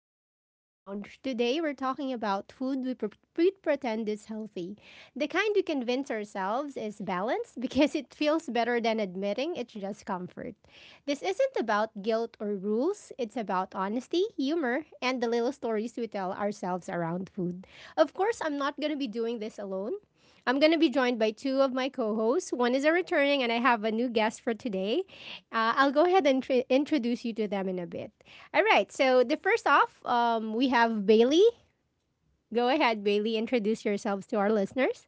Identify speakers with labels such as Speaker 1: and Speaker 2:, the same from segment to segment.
Speaker 1: back to Echo Lounge. Today we're talking about food we pretend is healthy. The kind we convince ourselves is balanced because it feels better than admitting it's just comfort. This isn't about guilt or rules, it's about honesty, humor, and the little stories we tell ourselves around food. Of course, I'm not going to be doing this alone. I'm going to be joined by two of my co hosts. One is a returning, and I have a new guest for today. I'll go ahead and introduce you to them in a bit. All right. So the first off, we have Bailey. Go ahead, Bailey. Introduce yourselves to our listeners.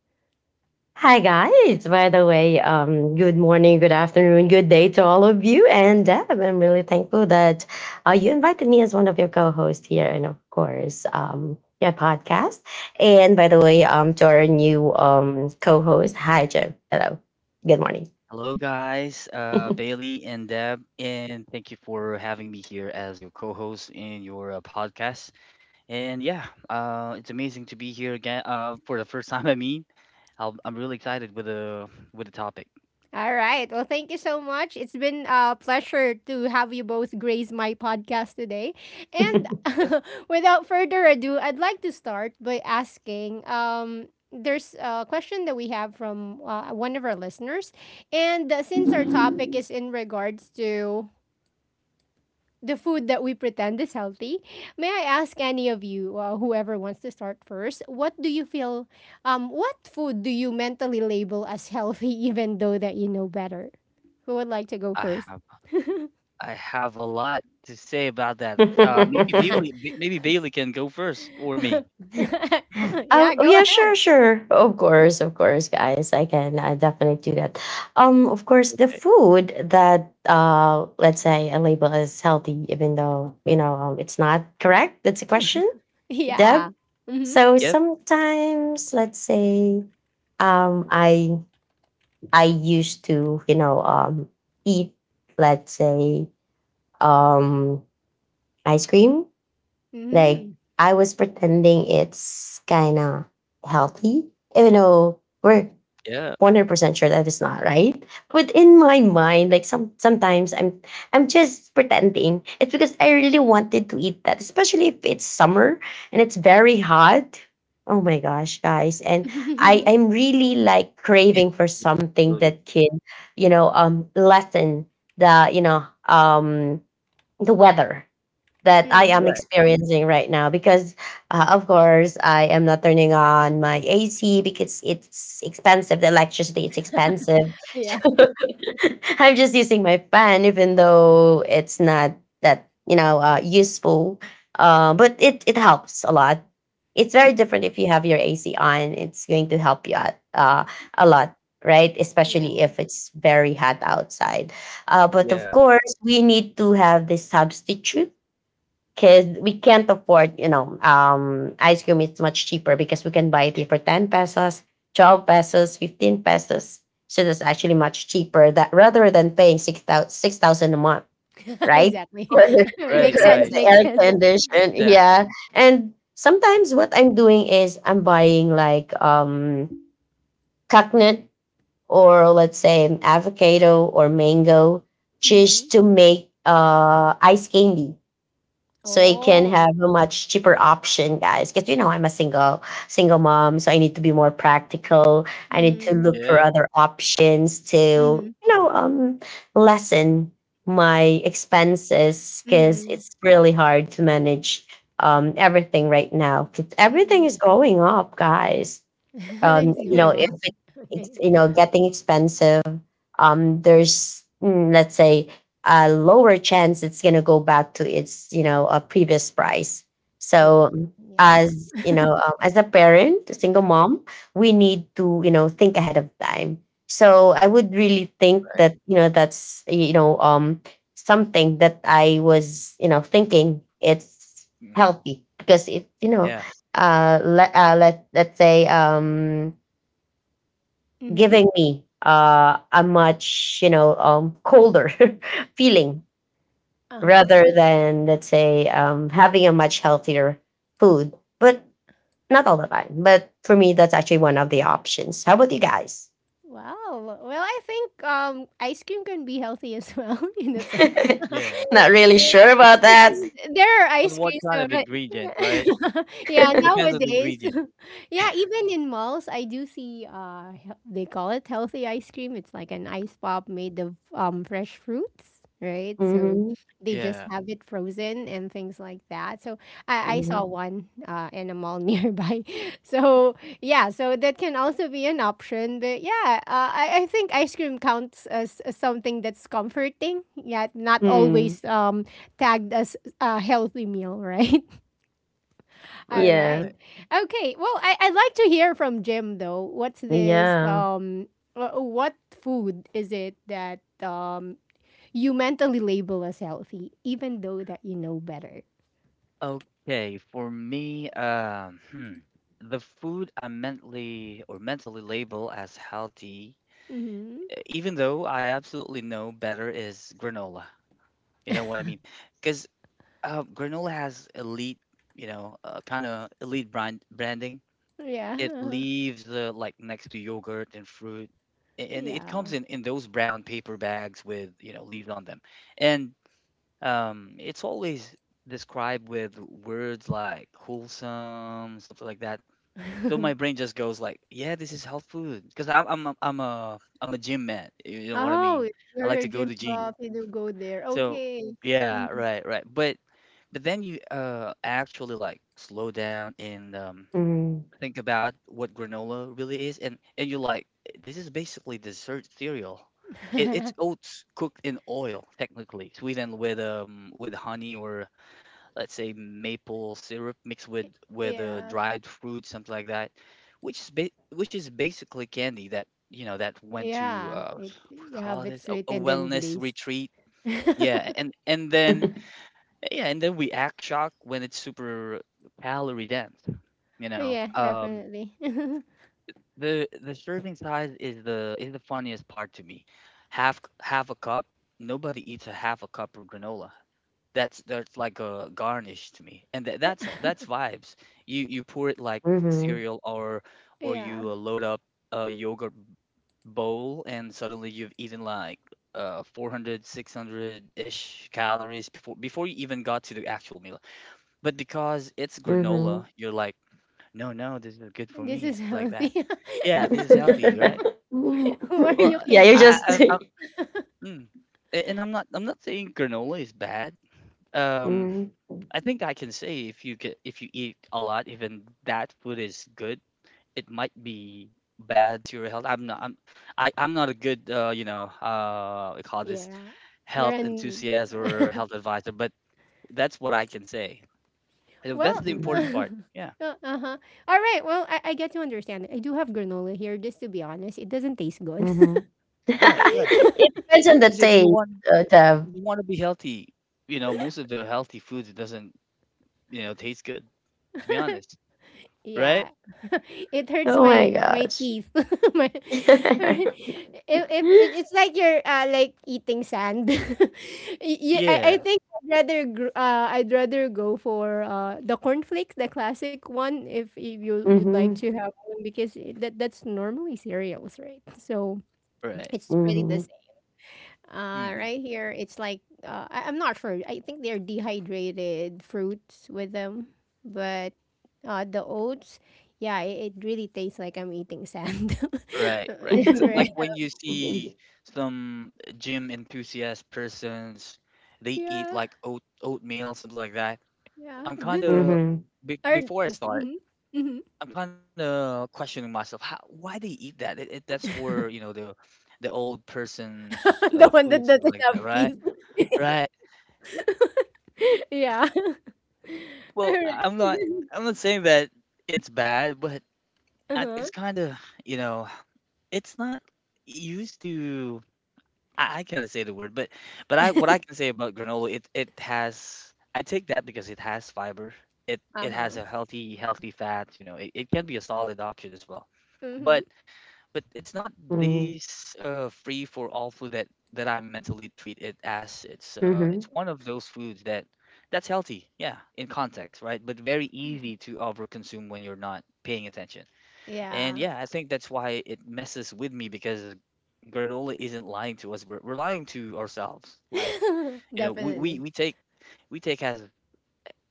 Speaker 2: Hi guys, by the way, good morning, good afternoon, good day to all of you. And Deb, I'm really thankful that you invited me as one of your co-hosts here, and of course, your podcast. And by the way, to our new co-host, hi Jim. Hello. Good morning.
Speaker 3: Hello, guys. Bailey and Deb, and thank you for having me here as your co-host in your podcast. And yeah, it's amazing to be here again. For the first time, I mean, I'm really excited with the topic.
Speaker 1: All right. Well, thank you so much. It's been a pleasure to have you both grace my podcast today. And
Speaker 3: Yep.
Speaker 1: without further ado, I'd like to start by asking. There's a question that we have from one of our listeners, and since our topic is in regards to the food that we pretend is healthy. May I ask any of you, whoever wants to start first, what do you feel? What food do you mentally label as healthy, even though that you know better? Who would like to go
Speaker 3: I
Speaker 1: first?
Speaker 3: have I have a lot to say about that. Maybe Bailey, Ba- maybe Bailey can go first or me.
Speaker 2: Oh,
Speaker 1: Yeah,
Speaker 2: oh,
Speaker 1: go
Speaker 2: yeah, sure,
Speaker 1: ahead.
Speaker 2: sure. Of course, guys. I can definitely do that. Of course, the
Speaker 3: Okay.
Speaker 2: food that let's say a label is healthy, even though it's not correct. That's a question, Deb.
Speaker 1: Yeah. Mhm.
Speaker 2: So
Speaker 3: Yep.
Speaker 2: sometimes, let's say, um, I I used to eat, let's say, um ice cream. Like,
Speaker 1: Mhm.
Speaker 2: I was pretending it's kind of healthy, even though we're
Speaker 3: Yeah.
Speaker 2: 100% sure that it's not right. But in my mind, like, sometimes I'm just pretending. It's because I really wanted to eat that, especially if it's summer and it's very hot. Oh my gosh, guys. And I
Speaker 1: Mhm.
Speaker 2: I'm really like craving for
Speaker 3: Yeah,
Speaker 2: something
Speaker 3: Bailey.
Speaker 2: that can, lessen, the, you know, um the weather that I am
Speaker 3: Right.
Speaker 2: experiencing right now because, of course, I am not turning on my AC because it's expensive. The electricity is expensive.
Speaker 1: Yeah.
Speaker 2: So I'm just using my fan, even though it's not that useful. But it helps a lot. It's very different if you have your AC on. It's going to help you out a lot, right?
Speaker 1: Yeah.
Speaker 2: Especially if it's very hot outside. But of
Speaker 3: Yeah.
Speaker 2: course, we need to have the substitute because we can't afford, you know, ice cream is much cheaper because we can buy it for 10 pesos, 12 pesos, 15 pesos. So that's actually much cheaper that rather than paying six thousand a month, right?
Speaker 1: Exactly.
Speaker 2: For the,
Speaker 3: Right.
Speaker 1: Makes
Speaker 2: for
Speaker 1: sense.
Speaker 3: Right.
Speaker 2: the
Speaker 1: Makes
Speaker 2: air
Speaker 1: sense.
Speaker 2: condition.
Speaker 3: Exactly.
Speaker 2: Yeah. And sometimes what I'm doing is I'm buying like coconut, or let's say avocado or mango,
Speaker 1: Mhm.
Speaker 2: just to make ice candy, so I can have
Speaker 1: Oh.
Speaker 2: a much cheaper option, guys. Because, you know, I'm a single mom, so I need to be more practical. I need to
Speaker 1: Mhm.
Speaker 2: look for
Speaker 3: Yep.
Speaker 2: other options to,
Speaker 1: Mhm.
Speaker 2: lessen my expenses, because
Speaker 1: Mhm.
Speaker 2: it's really hard to manage everything right now. 'Cause everything
Speaker 1: Mm-mm.
Speaker 2: is going up, guys.
Speaker 1: It's
Speaker 2: You know
Speaker 3: Yeah.
Speaker 1: going
Speaker 2: if
Speaker 1: off.
Speaker 2: it's, it's,
Speaker 1: Okay.
Speaker 2: getting expensive. Let's say a lower chance it's going to go back to its, a previous price.
Speaker 1: Yeah.
Speaker 2: So,
Speaker 1: Yeah.
Speaker 2: as you know, as a parent, a single mom, we need to, think ahead of time. So I would really think that, that's, something that I was, thinking, it's
Speaker 3: Mm,
Speaker 2: healthy because it,
Speaker 3: yeah.
Speaker 2: let's say
Speaker 1: Mm-hmm.
Speaker 2: giving me a much, colder feeling,
Speaker 1: Uh-huh.
Speaker 2: rather than, let's say, having a much healthier food. But, not all the time. But for me, that's actually one of the options. How about you guys?
Speaker 1: Wow. Well, I think ice cream can be healthy as well in a sense.
Speaker 3: Yeah.
Speaker 2: not really sure about that.
Speaker 1: Because there are
Speaker 3: On
Speaker 1: ice
Speaker 3: what
Speaker 1: creams
Speaker 3: kind
Speaker 1: so
Speaker 3: of
Speaker 1: but
Speaker 3: ingredient, right?
Speaker 1: yeah,
Speaker 3: It depends on the
Speaker 1: nowadays.
Speaker 3: ingredient.
Speaker 1: Yeah, even in malls I do see they call it healthy ice cream. It's like an ice pop made of fresh fruits, right? So
Speaker 2: Mm-hmm.
Speaker 1: they just
Speaker 3: Yeah,
Speaker 1: have it frozen and things like that. So I saw
Speaker 2: Mm-hmm.
Speaker 1: one in a mall nearby. So yeah, so that can also be an option. But yeah, I think ice cream counts as something that's comforting. Yeah, not
Speaker 2: Hmm.
Speaker 1: always tagged as a healthy meal, right? All
Speaker 3: right.
Speaker 2: Yeah.
Speaker 1: right.
Speaker 3: Right.
Speaker 1: Okay. Well, I'd like to hear from Jim though. What's this?
Speaker 2: Yeah.
Speaker 1: What food is it that you mentally label as healthy, even though that you know better?
Speaker 3: Okay, for me, the food I mentally label as healthy,
Speaker 1: Mm-hmm.
Speaker 3: even though I absolutely know better, is granola. You know what I mean? Because granola has elite, you know, kind of elite branding. It
Speaker 1: Yeah.
Speaker 3: leaves like next to yogurt and fruit, and it comes
Speaker 1: Yeah.
Speaker 3: in those brown paper bags with you know leaves on them. And it's always described with words like wholesome, something like that. So my brain just goes like, "Yeah, this is health food," because I'm a gym man. You know what I
Speaker 1: Oh,
Speaker 3: mean? I
Speaker 1: you're
Speaker 3: like
Speaker 1: a
Speaker 3: to go
Speaker 1: gym
Speaker 3: to gym.
Speaker 1: buff. You do go there.
Speaker 3: So
Speaker 1: Okay.
Speaker 3: yeah,
Speaker 1: Mhm.
Speaker 3: right, right. But then you actually like slow down and
Speaker 2: Mm.
Speaker 3: think about what granola really is, and you're like, "Eh, this is basically dessert cereal." It's oats cooked in oil, technically, sweetened with honey or let's say maple syrup mixed with
Speaker 1: Yeah.
Speaker 3: dried fruit, something like that, which is ba- which is basically candy that you know that went to
Speaker 1: Yeah. It
Speaker 3: we
Speaker 1: you have
Speaker 3: call
Speaker 1: it
Speaker 3: this
Speaker 1: sweet
Speaker 3: a
Speaker 1: and then
Speaker 3: wellness
Speaker 1: glazed.
Speaker 3: retreat. Yeah, and then we act shocked when it's super calorie dense. You know,
Speaker 1: Yeah, definitely.
Speaker 3: the serving size is the funniest part to me. Half a cup. Nobody eats a half a cup of granola. That's like a garnish to me, and that's vibes. You pour it like
Speaker 2: Hmm.
Speaker 3: cereal or
Speaker 1: Yeah,
Speaker 3: you load up a yogurt bowl, and suddenly you've eaten like 400, ish calories before you even got to the actual meal. But because it's granola,
Speaker 2: Hmm.
Speaker 3: you're like, no, no, this is good for
Speaker 1: this
Speaker 3: me,
Speaker 1: is
Speaker 3: stuff like that.
Speaker 1: healthy.
Speaker 3: Yeah, this is healthy, right?
Speaker 1: Who are
Speaker 3: Well,
Speaker 1: you
Speaker 2: yeah, you're
Speaker 1: kidding?
Speaker 2: just.
Speaker 3: I mm. And I'm not saying granola is bad. Um, I think I can say if you eat a lot, even that food is good, it might be bad to your health. I'm not a good you know we call this
Speaker 1: Yeah, you're
Speaker 3: health
Speaker 1: an
Speaker 3: enthusiast or health advisor, but that's what I can say. And that's
Speaker 1: well,
Speaker 3: the important
Speaker 2: Mhm.
Speaker 3: part. Yeah.
Speaker 1: uh-huh. All right. Well, I get to understand. I do have granola here, just to be honest. It doesn't taste good.
Speaker 2: Mhm.
Speaker 3: Right, right.
Speaker 2: It depends on the
Speaker 3: Because
Speaker 2: taste, Deb.
Speaker 3: if you want to be healthy, you know, most of the healthy foods it doesn't, you know, taste good, to be honest. Right?
Speaker 1: Yeah. It hurts
Speaker 2: Oh my
Speaker 1: my
Speaker 2: gosh.
Speaker 1: teeth. My if it's like you're like eating sand. I
Speaker 3: Yeah,
Speaker 1: think I'd rather I'd rather go for the cornflakes, the classic one if you you'd like
Speaker 2: Mhm.
Speaker 1: to have one because that that's normally cereals, right? So
Speaker 3: right.
Speaker 1: it's pretty the
Speaker 2: Mhm.
Speaker 3: hmm
Speaker 1: right here, it's like I'm not sure. I think they're dehydrated fruits with them, but the oats, yeah, it really tastes like I'm eating sand.
Speaker 3: Right, right. So,
Speaker 1: Right.
Speaker 3: like when you see some gym enthusiast persons, they eat
Speaker 1: Yeah,
Speaker 3: like oatmeal, something like that.
Speaker 1: yeah.
Speaker 3: I'm
Speaker 1: Did
Speaker 3: kind
Speaker 2: Mhm.
Speaker 1: they?
Speaker 3: of
Speaker 2: Mhm.
Speaker 3: be
Speaker 1: Or
Speaker 3: before I
Speaker 1: mhm,
Speaker 3: start,
Speaker 1: mhm.
Speaker 3: I'm kind of questioning myself how why they eat that. It that's for you know the old person's
Speaker 1: The one that
Speaker 3: food,
Speaker 1: doesn't
Speaker 3: something like
Speaker 1: have
Speaker 3: that,
Speaker 1: teeth.
Speaker 3: right? Right.
Speaker 1: Yeah.
Speaker 3: Well,
Speaker 1: Alright.
Speaker 3: I'm not saying that it's bad, but
Speaker 1: Uh-huh.
Speaker 3: it's kind of you know it's not used to. I can't say the word, but I what I can say about granola, it has I take that because it has fiber. It has
Speaker 1: Uh-huh.
Speaker 3: a healthy fat, you know. It can be a solid option as well.
Speaker 1: Mm-hmm.
Speaker 3: But but it's not
Speaker 2: Mhm.
Speaker 3: this free for all food that I mentally treat it as. It's one of those foods that's healthy, yeah, in context, right? But very easy to overconsume when you're not paying attention. And
Speaker 1: Yeah.
Speaker 3: yeah, I think that's why it messes with me because granola isn't lying to us. We're lying to ourselves. Like, you know,
Speaker 1: Definitely.
Speaker 3: we take as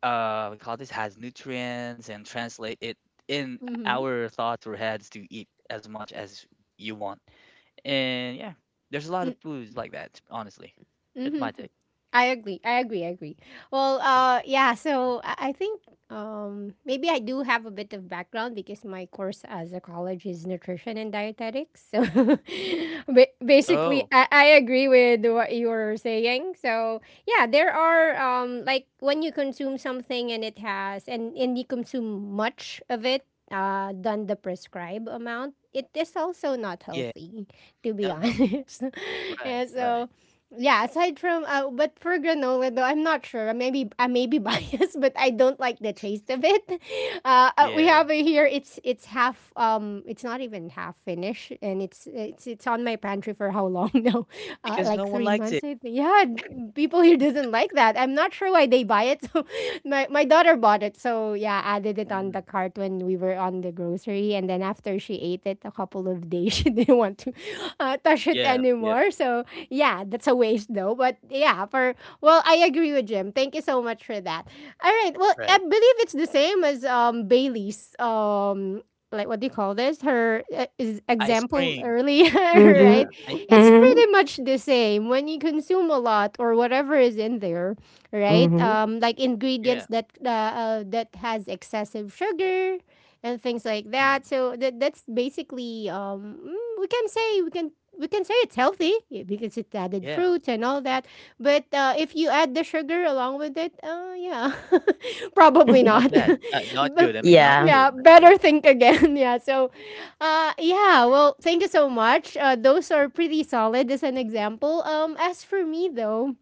Speaker 3: we call this has nutrients and translate it in
Speaker 1: Mm-hmm.
Speaker 3: our thoughts or heads to eat as much as you want. And yeah, there's a lot of foods like that, honestly. That's my
Speaker 1: Mm-hmm.
Speaker 3: take.
Speaker 1: I agree. I agree. I agree. Well, yeah. So I think maybe I do have a bit of background because my course as a college is nutrition and dietetics. So basically,
Speaker 3: Oh,
Speaker 1: I agree with what you were saying. So yeah, there are like when you consume something and it has and you consume much of it than the prescribed amount. It is also not
Speaker 3: yeah,
Speaker 1: healthy, to be
Speaker 3: not healthy.
Speaker 1: honest.
Speaker 3: Right,
Speaker 1: Yeah,
Speaker 3: right.
Speaker 1: so yeah, aside from but for granola though, I'm not sure. Maybe I may be biased, but I don't like the taste of it. We
Speaker 3: Yeah,
Speaker 1: have it here. It's half. It's not even half finished, and it's on my pantry for how long now?
Speaker 3: because no
Speaker 1: Like
Speaker 3: one
Speaker 1: three
Speaker 3: likes it.
Speaker 1: months, I think. Yeah, people here doesn't like that. I'm not sure why they buy it. So my daughter bought it, so yeah, added it on
Speaker 3: Mm,
Speaker 1: the cart when we were on the grocery, and then after she ate it a couple of days, she didn't want to touch it
Speaker 3: yeah, yeah,
Speaker 1: anymore. So yeah, that's a waste though. But yeah, for well, I agree with Jim. Thank you so much for that. All right, well, I
Speaker 3: right.
Speaker 1: believe it's the same as Bailey's like what do you call this her is
Speaker 3: Ice
Speaker 1: example
Speaker 3: cream.
Speaker 1: earlier
Speaker 3: Yeah,
Speaker 1: right
Speaker 2: Mhm.
Speaker 3: ice
Speaker 2: Mhm.
Speaker 1: it's
Speaker 3: cream.
Speaker 1: pretty
Speaker 2: Mhm.
Speaker 1: much the same when you consume a lot or whatever is in there right?
Speaker 2: Mhm.
Speaker 1: Like ingredients
Speaker 3: Yeah.
Speaker 1: that that has excessive sugar and things like
Speaker 3: Mm.
Speaker 1: that. So that that's basically we can say we can say it's healthy yeah, because it's added
Speaker 3: Yeah.
Speaker 1: fruits and all that. But if you add the sugar along with it, yeah, probably
Speaker 3: Not
Speaker 1: not.
Speaker 3: bad. Not good.
Speaker 1: But,
Speaker 3: I mean, not
Speaker 2: Yeah.
Speaker 3: good.
Speaker 1: yeah,
Speaker 3: Not good.
Speaker 1: better think again. Yeah, so yeah, well, thank you so much. Those are pretty solid as an example. As for me though,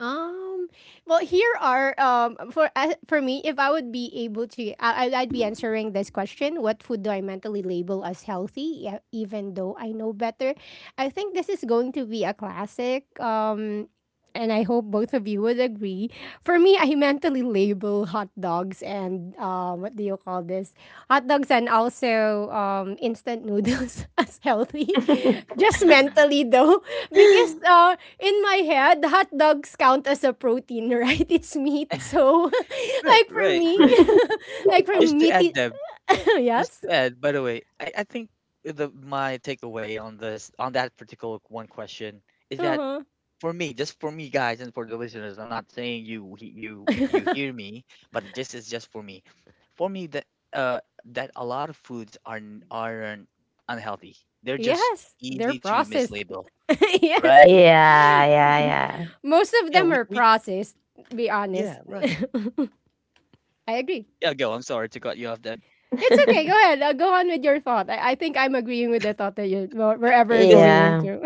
Speaker 1: um. Well, here are for me, if I would be able to, I'd be answering this question: what food do I mentally label as healthy, even though I know better? I think this is going to be a classic. And I hope both of you would agree. For me, I mentally label hot dogs and what do you call this? Hot dogs and also instant noodles as healthy. Just
Speaker 3: Mm-mm.
Speaker 1: mentally though, because in my head, hot dogs count as a protein, right? It's meat. So,
Speaker 3: Right,
Speaker 1: like for
Speaker 3: right,
Speaker 1: me,
Speaker 3: right.
Speaker 1: like for
Speaker 3: Just to add
Speaker 1: meaty,
Speaker 3: that, just
Speaker 1: yes.
Speaker 3: to add, by the way, I think the my takeaway on that particular one question is that
Speaker 1: Uh-huh.
Speaker 3: for me, just for me, guys, and for the listeners, I'm not saying you he- you hear me, but this is just for me. For me that a lot of foods are aren't unhealthy. They're just
Speaker 1: Yes, they're
Speaker 3: easy to
Speaker 1: processed.
Speaker 3: mislabel,
Speaker 1: Yes.
Speaker 3: right?
Speaker 2: Yeah. Yeah, yeah,
Speaker 1: Most of
Speaker 3: Yeah,
Speaker 1: them are
Speaker 3: we
Speaker 1: processed, to be honest.
Speaker 3: yeah, right.
Speaker 1: I agree.
Speaker 3: Yeah, go. I'm sorry to cut you off there.
Speaker 1: It's okay. Go ahead. Go on with your thought. I think I'm agreeing with the thought that you're wherever you're
Speaker 3: Because
Speaker 1: going
Speaker 2: yeah.
Speaker 1: into.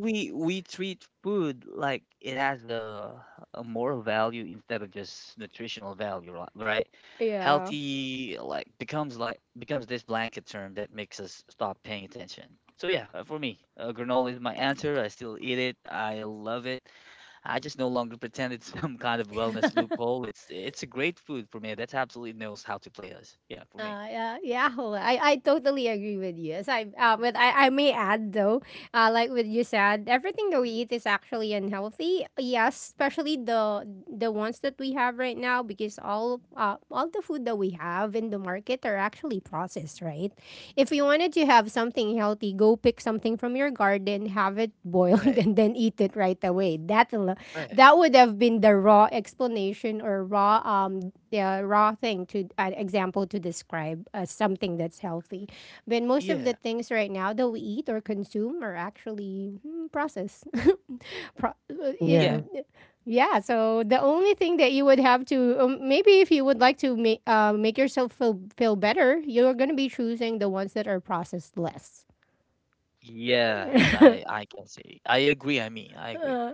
Speaker 3: we treat food like it has a moral value instead of just nutritional value, right?
Speaker 1: Yeah.
Speaker 3: Healthy like becomes this blanket term that makes us stop paying attention. So yeah, for me, granola is my answer. I still eat it. I love it. I just no longer pretend it's some kind of wellness loophole. It's a great food for me. That absolutely knows how to play us. Yeah, for me.
Speaker 1: Yeah, well, I totally agree with you. As I, but I may add though, like what you said, everything that we eat is actually unhealthy. Yes, especially the ones that we have right now, because all the food that we have in the market are actually processed, right? If you wanted to have something healthy, go pick something from your garden, have it boiled,
Speaker 3: Right,
Speaker 1: and then eat it right away.
Speaker 3: right.
Speaker 1: That would have been the raw explanation or raw yeah, raw thing to an example to describe as something that's healthy. But most of the
Speaker 3: Yeah,
Speaker 1: things right now that we eat or consume are actually mm, processed. Pro- uh,
Speaker 3: yeah.
Speaker 2: Yeah,
Speaker 1: it, yeah, so the only thing that you would have to maybe if you would like to make make yourself feel feel better, you're going to be choosing the ones that are processed less.
Speaker 3: Yes, I I can see. I agree. I mean, I agree.
Speaker 1: Uh,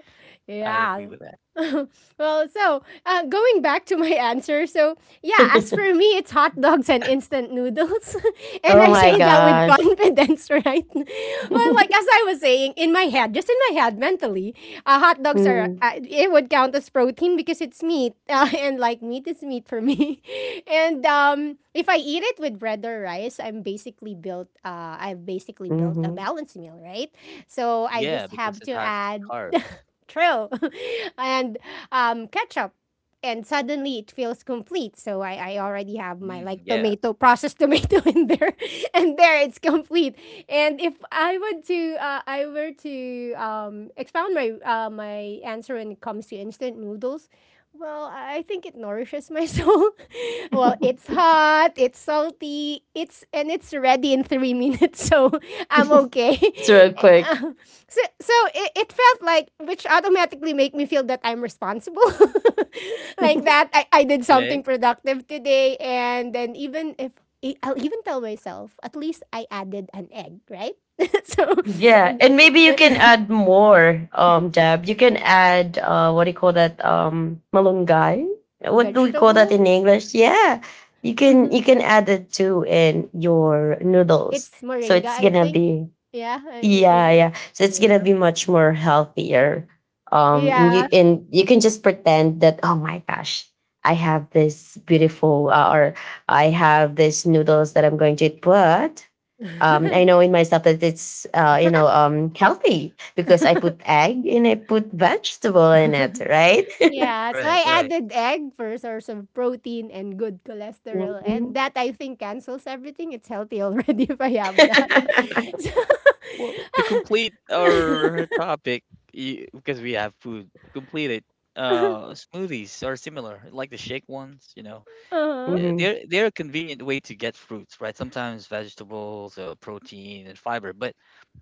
Speaker 3: I agree
Speaker 1: yeah.
Speaker 3: with that.
Speaker 1: Well, so going back to my answer, so yeah, as for me, it's hot dogs and instant noodles, and
Speaker 2: Oh
Speaker 1: I
Speaker 2: my
Speaker 1: say that with
Speaker 2: gosh.
Speaker 1: confidence, right? Well, like as I was saying, in my head, just in my head, mentally, hot dogs are
Speaker 2: Mm-hmm.
Speaker 1: it would count as protein because it's meat, and like meat is meat for me. And if I eat it with bread or rice, I'm basically built. I've basically built a balanced meal, right? So I
Speaker 3: Yeah,
Speaker 1: just
Speaker 3: because
Speaker 1: have
Speaker 3: it
Speaker 1: to
Speaker 3: has
Speaker 1: add
Speaker 3: carbs.
Speaker 1: trail and ketchup. And suddenly it feels complete. So I already have my
Speaker 3: Mm,
Speaker 1: like
Speaker 3: yeah.
Speaker 1: tomato, processed tomato in there. And there it's complete. And if I were to expound my my answer when it comes to instant noodles, well, I think it nourishes my soul. Well, it's hot, it's salty, it's ready in 3 minutes, so I'm okay.
Speaker 2: It's real quick.
Speaker 1: Uh, so so it felt like which automatically make me feel that I'm responsible. Like that I did
Speaker 3: Okay.
Speaker 1: something productive today and then even if I'll even tell myself, at least I added an egg, right? so
Speaker 2: Yeah, and maybe you can add more, Deb. You can add, what do you call that? Malunggay. What do we call that
Speaker 1: vegetable.
Speaker 2: in English? Yeah, you can,
Speaker 1: Mm-hmm.
Speaker 2: add it to in your noodles.
Speaker 1: It's
Speaker 2: So
Speaker 1: moringa,
Speaker 2: it's
Speaker 1: I
Speaker 2: gonna
Speaker 1: think.
Speaker 2: be,
Speaker 1: Yeah,
Speaker 2: yeah, yeah. So it's gonna
Speaker 1: moringa.
Speaker 2: be much more healthier.
Speaker 1: Yeah.
Speaker 2: You, and you can just pretend that, oh my gosh, I have this beautiful, or I have this noodles that I'm going to eat, but I know in myself that it's, healthy, because I put egg and I put vegetable in it, right?
Speaker 1: Yeah, so
Speaker 3: Right.
Speaker 1: I
Speaker 3: Right.
Speaker 1: added egg for a source of protein and good cholesterol, and
Speaker 2: Mm-hmm.
Speaker 1: that I think cancels everything. It's healthy already if I have that. So,
Speaker 3: Well, to complete our topic, because we have food, to complete it. Smoothies are similar, like the shake ones, you know.
Speaker 1: uh-huh.
Speaker 3: Yeah,
Speaker 2: Mm-hmm.
Speaker 3: they're a convenient way to get fruits, right? Sometimes vegetables, protein, and fiber. But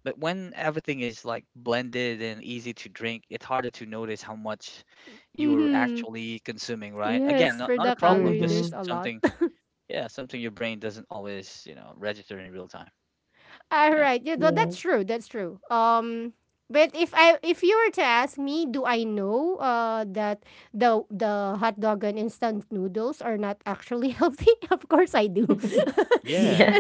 Speaker 3: but when everything is like blended and easy to drink, it's harder to notice how much you're
Speaker 1: Mm-hmm.
Speaker 3: actually consuming, right? Again,
Speaker 1: Yes, for
Speaker 3: not a
Speaker 1: the
Speaker 3: problem,
Speaker 1: calorie, there's
Speaker 3: just
Speaker 2: Mm-hmm.
Speaker 1: a lot.
Speaker 3: something, yeah, something your brain doesn't always, you know, register in real time.
Speaker 1: All
Speaker 3: Yeah.
Speaker 1: right. Yeah,
Speaker 2: Yeah.
Speaker 1: that's true. That's true. But if I if you were to ask me, do I know that the hot dog and instant noodles are not actually healthy? Of course I do.
Speaker 3: Yeah.
Speaker 2: yeah.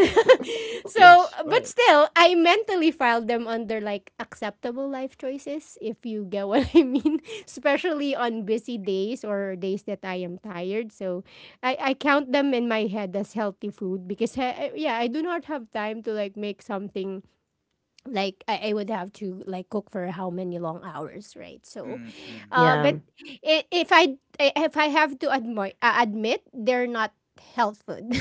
Speaker 1: So,
Speaker 3: Yes.
Speaker 1: but
Speaker 3: Right.
Speaker 1: still, I mentally filed them under like acceptable life choices if you get what I mean, especially on busy days or days that I am tired. So, I count them in my head as healthy food because yeah, I do not have time to like make something like I would have to like cook for how many long hours, right? So
Speaker 3: Mm-mm.
Speaker 2: Yeah.
Speaker 1: but I- if I if I have to admit admit they're not health food.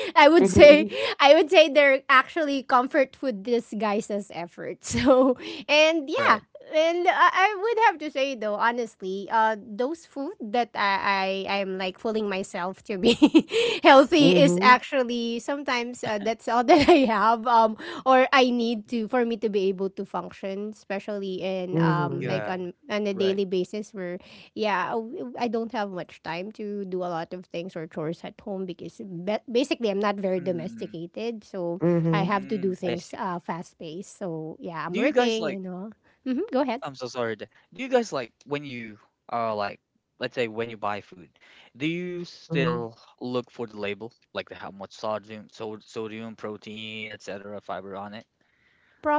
Speaker 1: I would say
Speaker 2: Mm-hmm.
Speaker 1: they're actually comfort food disguised as effort. So and yeah,
Speaker 3: Right.
Speaker 1: and I would have to say though honestly those food that I'm like fooling myself to be healthy is
Speaker 2: Mm-hmm.
Speaker 1: actually sometimes that's all that I have or I need to, for me to be able to function, especially in like
Speaker 2: Mm-hmm.
Speaker 3: Yeah.
Speaker 1: on a
Speaker 3: Right.
Speaker 1: daily basis where yeah, I don't have much time to do a lot of things or chores at home because basically I'm not very
Speaker 3: Mm-mm.
Speaker 1: domesticated, so I
Speaker 2: Mm-hmm.
Speaker 1: have to
Speaker 3: Mm.
Speaker 1: do
Speaker 3: I
Speaker 1: things
Speaker 3: see.
Speaker 1: fast paced. So yeah, I'm
Speaker 3: Do you guys
Speaker 1: working, you
Speaker 3: like?
Speaker 1: know. Hmm, go ahead.
Speaker 3: I'm so sorry. Do you guys like when you like let's say when you buy food, do you
Speaker 2: Mm-hmm.
Speaker 3: still look for the label like the how much sodium, sodium, protein, etc., fiber on it?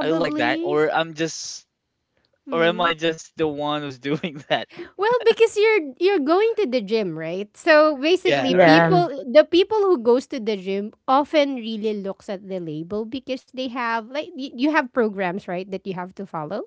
Speaker 3: Are you like that, or I'm just, or am I just the one who's doing that?
Speaker 1: Well, because you're going to the gym, right? So
Speaker 3: Yeah,
Speaker 1: basically,
Speaker 3: right. Right.
Speaker 1: people
Speaker 2: Yeah.
Speaker 1: the people who goes to the gym often really looks at the label because they have like you have programs, right, that you have to follow.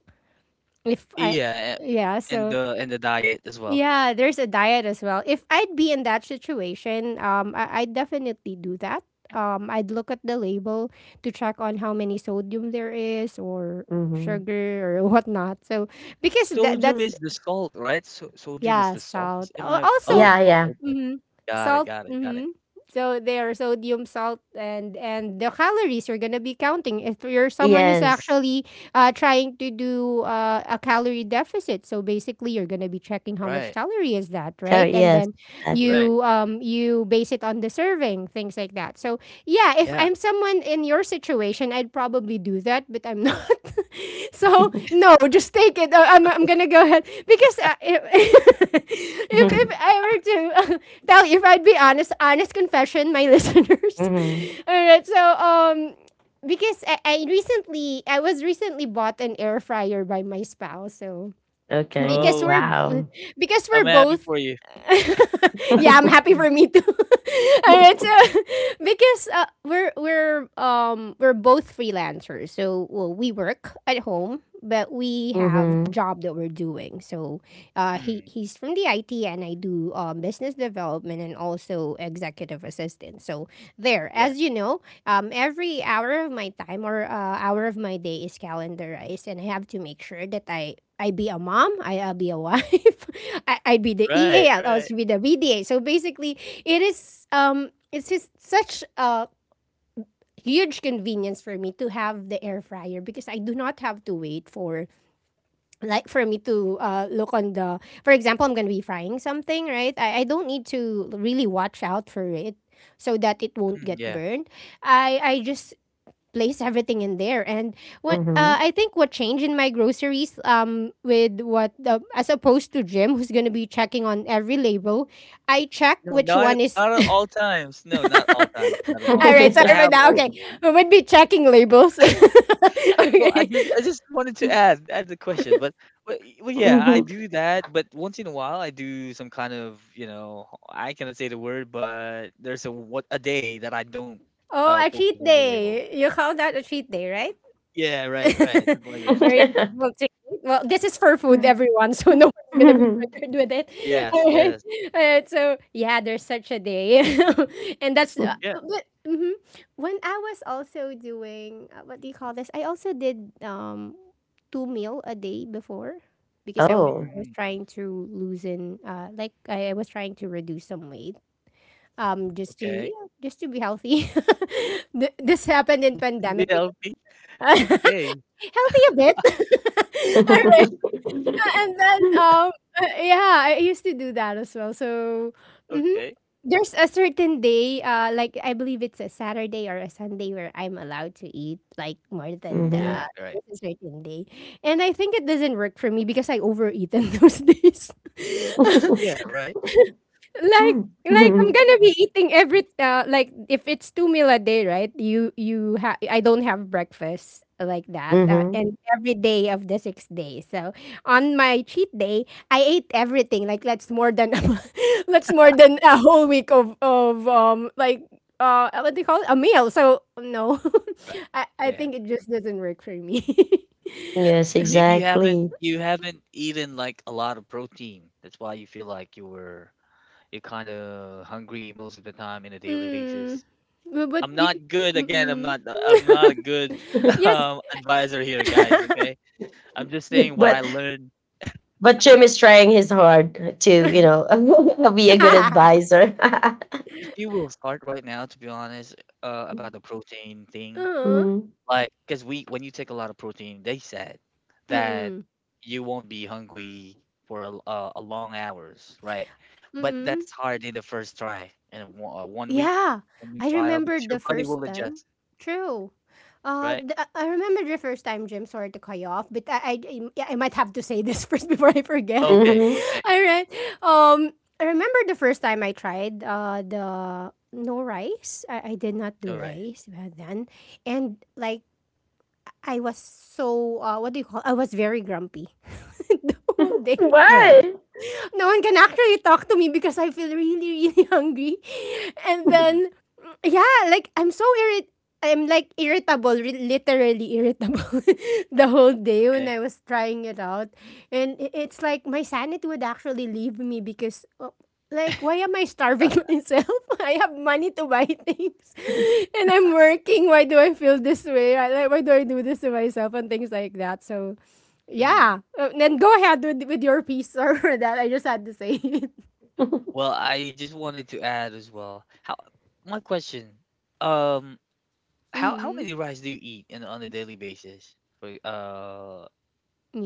Speaker 1: If I
Speaker 3: Yeah,
Speaker 1: yeah, so
Speaker 3: and the diet as well.
Speaker 1: yeah, there's a diet as well. If I'd be in that situation, I'd definitely do that. I'd look at the label to check on how many sodium there is or
Speaker 2: Mhm.
Speaker 1: sugar or whatnot. So because that
Speaker 3: Sodium
Speaker 1: that's
Speaker 3: is the salt, right? So, sodium is
Speaker 1: yeah,
Speaker 3: the salt. Is
Speaker 1: salt.
Speaker 3: am I?
Speaker 1: Also,
Speaker 3: Oh,
Speaker 2: Yeah,
Speaker 3: salt.
Speaker 2: yeah.
Speaker 3: Okay,
Speaker 1: mhm.
Speaker 3: got it,
Speaker 1: Salt.
Speaker 3: got it, got it.
Speaker 1: Mhm. So there, sodium, salt, and the calories you're gonna be counting. If you're someone who's
Speaker 2: Yes.
Speaker 1: actually trying to do a calorie deficit, so basically you're gonna be checking how
Speaker 3: Right,
Speaker 1: much calorie is that, right? And
Speaker 2: Yes,
Speaker 1: then
Speaker 2: exactly.
Speaker 3: right.
Speaker 1: you you base it on the serving, things like that. So yeah, if
Speaker 3: Yeah.
Speaker 1: I'm someone in your situation, I'd probably do that, but I'm not. So no, just take it. I'm gonna go ahead because if, if I were to tell you, if I'd be honest, honest confession, my listeners.
Speaker 2: mhm.
Speaker 1: All right, so. Because I recently, I was recently bought an air fryer by my spouse, so
Speaker 2: Okay.
Speaker 1: because
Speaker 3: Oh,
Speaker 1: we're
Speaker 2: Wow.
Speaker 1: because we're
Speaker 3: I'm happy
Speaker 1: both.
Speaker 3: for you.
Speaker 1: Yeah, I'm happy for me too. All right, so because we're both freelancers. So well, we work at home but we have
Speaker 2: mhm.
Speaker 1: job that we're doing. So
Speaker 3: Mm,
Speaker 1: he's from the IT and I do business development and also executive assistant. So there,
Speaker 3: yeah.
Speaker 1: as you know, every hour of my time or hour of my day is calendarized and I have to make sure that I be a mom, I'll be a wife, I'd be the E
Speaker 3: Right,
Speaker 1: A. I will
Speaker 3: right.
Speaker 1: also be the VDA. So basically, it is it's just such a huge convenience for me to have the air fryer because I do not have to wait for like for me to look on the. For example, I'm gonna be frying something, right? I don't need to really watch out for it so that it won't
Speaker 3: Mm,
Speaker 1: get
Speaker 3: yeah.
Speaker 1: burned. I just place everything in there. And what
Speaker 2: Mhm.
Speaker 1: I think what changed in my groceries with what as opposed to Jim, who's gonna be checking on every label, I check
Speaker 3: No,
Speaker 1: which one is.
Speaker 3: not at all times. No, not all times. Not at all
Speaker 1: All
Speaker 3: times.
Speaker 1: right, sorry
Speaker 3: I have
Speaker 1: about that.
Speaker 3: all.
Speaker 1: Okay, we would be checking labels.
Speaker 3: Well,
Speaker 1: Okay.
Speaker 3: I just wanted to add the question, but well, yeah,
Speaker 2: mhm.
Speaker 3: I do that. But once in a while, I do some kind of you know I cannot say the word, but there's a day that I don't
Speaker 1: Oh, a
Speaker 3: focus
Speaker 1: cheat
Speaker 3: on the label.
Speaker 1: day. You call that a cheat day, right?
Speaker 3: Yeah, right, right, something like that.
Speaker 1: Were you able to eat? Well, this is for food, everyone, so no one's gonna be triggered with it. All
Speaker 3: Yes,
Speaker 1: right,
Speaker 3: yes,
Speaker 1: So yeah, there's such a day, and that's
Speaker 3: yeah.
Speaker 1: but mhm. When I was also doing what do you call this? I also did two meal a day before because
Speaker 2: oh.
Speaker 1: I was
Speaker 3: Mm,
Speaker 1: trying to loosen like I was trying to reduce some weight just to, you
Speaker 3: okay.
Speaker 1: know, just to be healthy. This happened in
Speaker 3: Just to be
Speaker 1: pandemic because
Speaker 3: healthy.
Speaker 1: healthy
Speaker 3: Okay,
Speaker 1: a bit. All right. And then yeah, I used to do that as well. So mhm.
Speaker 3: okay.
Speaker 1: There's a certain day, like I believe it's a Saturday or a Sunday where I'm allowed to eat like more than
Speaker 3: Mm,
Speaker 2: mhm.
Speaker 1: the
Speaker 3: yeah, right.
Speaker 1: there's a certain day. And I think it doesn't work for me because I overeat in those days.
Speaker 3: Yeah, right.
Speaker 1: Like I'm gonna be eating every like if it's two meal a day, right? You I don't have breakfast like that,
Speaker 2: Mhm.
Speaker 1: and every day of the 6 days. So on my cheat day, I ate everything. Like that's more than that's more than a whole week of like what do you call it, a meal. So no,
Speaker 3: Right.
Speaker 1: I
Speaker 3: Yeah.
Speaker 1: think it just doesn't work for me.
Speaker 2: Yes,
Speaker 1: So,
Speaker 3: Maybe
Speaker 2: exactly.
Speaker 3: you haven't eaten like a lot of protein. That's why you feel like you're kind of hungry most of the time in a daily basis.
Speaker 1: mm, but
Speaker 3: I'm
Speaker 1: you,
Speaker 3: not good again.
Speaker 1: mm,
Speaker 3: I'm not a good
Speaker 1: yes.
Speaker 3: advisor here, guys. Okay, I'm just saying what I
Speaker 2: but
Speaker 3: learned.
Speaker 2: but Jim is trying his hard to, you know, be a good
Speaker 3: But
Speaker 2: advisor.
Speaker 3: if you will start right now, to be honest, about the protein thing.
Speaker 1: Uh-huh.
Speaker 2: Mhm.
Speaker 3: Like, cause we when you take a lot of protein, they said that
Speaker 1: Mm-mm.
Speaker 3: you won't be hungry for a long hours, right? But
Speaker 1: Mm-mm.
Speaker 3: that's hard in the first try in a
Speaker 1: Yeah.
Speaker 3: one week
Speaker 1: I
Speaker 3: trial because
Speaker 1: remembered
Speaker 3: your
Speaker 1: the
Speaker 3: body
Speaker 1: first
Speaker 3: will
Speaker 1: time.
Speaker 3: adjust,
Speaker 1: True.
Speaker 3: right?
Speaker 1: I remember the first time, Jim. Sorry to cut you off, but yeah, I might have to say this first before I forget it.
Speaker 3: Okay,
Speaker 2: Mhm.
Speaker 3: okay,
Speaker 1: All right. Um, I remember the first time I tried the no rice. I did not do
Speaker 3: all right.
Speaker 1: rice back then, and like I was so what do you call? I was very grumpy the whole day.
Speaker 3: Yeah.
Speaker 2: Why?
Speaker 1: No one can actually talk to me because I feel really, really hungry. And
Speaker 3: Mm,
Speaker 1: then, yeah, like I'm so irrit. I'm like irritable, literally irritable the whole day when
Speaker 3: okay.
Speaker 1: I was trying it out. And it's like my sanity would actually leave me because, like, why am I starving myself? I have money to buy things and I'm working. Why do I feel this way? I, like, why do I do this to myself and things like that? So, yeah.
Speaker 3: Mm.
Speaker 1: Then go ahead with, your piece or that. I just had to say it.
Speaker 3: Well, I just wanted to add as well. My question, um, how
Speaker 1: Mm-hmm.
Speaker 3: many rice do you eat on a daily basis for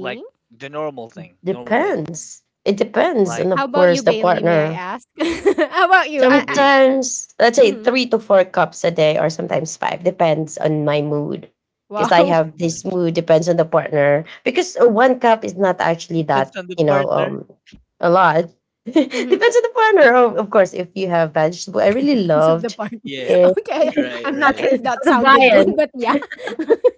Speaker 3: like the normal thing, normal day?
Speaker 2: Depends. It depends
Speaker 3: Like.
Speaker 2: on,
Speaker 1: How
Speaker 2: of
Speaker 1: about you,
Speaker 2: course, the
Speaker 1: Bailey? May I
Speaker 2: partner.
Speaker 1: ask? How about you?
Speaker 3: Yeah, Bail.
Speaker 2: Sometimes, let's
Speaker 1: I,
Speaker 2: say,
Speaker 1: mhm.
Speaker 2: 3 to 4 cups a day, or sometimes five, depends on my mood. Because I
Speaker 1: Wow.
Speaker 2: have
Speaker 3: Mm.
Speaker 2: this
Speaker 3: Like,
Speaker 2: mood, depends on the partner. Because, one cup is not actually that,
Speaker 3: depends on the
Speaker 2: you know,
Speaker 3: partner.
Speaker 2: a lot. depends
Speaker 1: Mm-hmm.
Speaker 2: on the partner. Of course, if you have vegetable, I really
Speaker 1: Depends of the
Speaker 2: loved
Speaker 1: partner.
Speaker 3: Yeah.
Speaker 2: it.
Speaker 1: Okay.
Speaker 3: Right,
Speaker 1: I'm not
Speaker 3: right.
Speaker 1: sure
Speaker 2: Okay,
Speaker 1: if that
Speaker 2: the
Speaker 1: sounded
Speaker 2: viand.
Speaker 1: good, but yeah.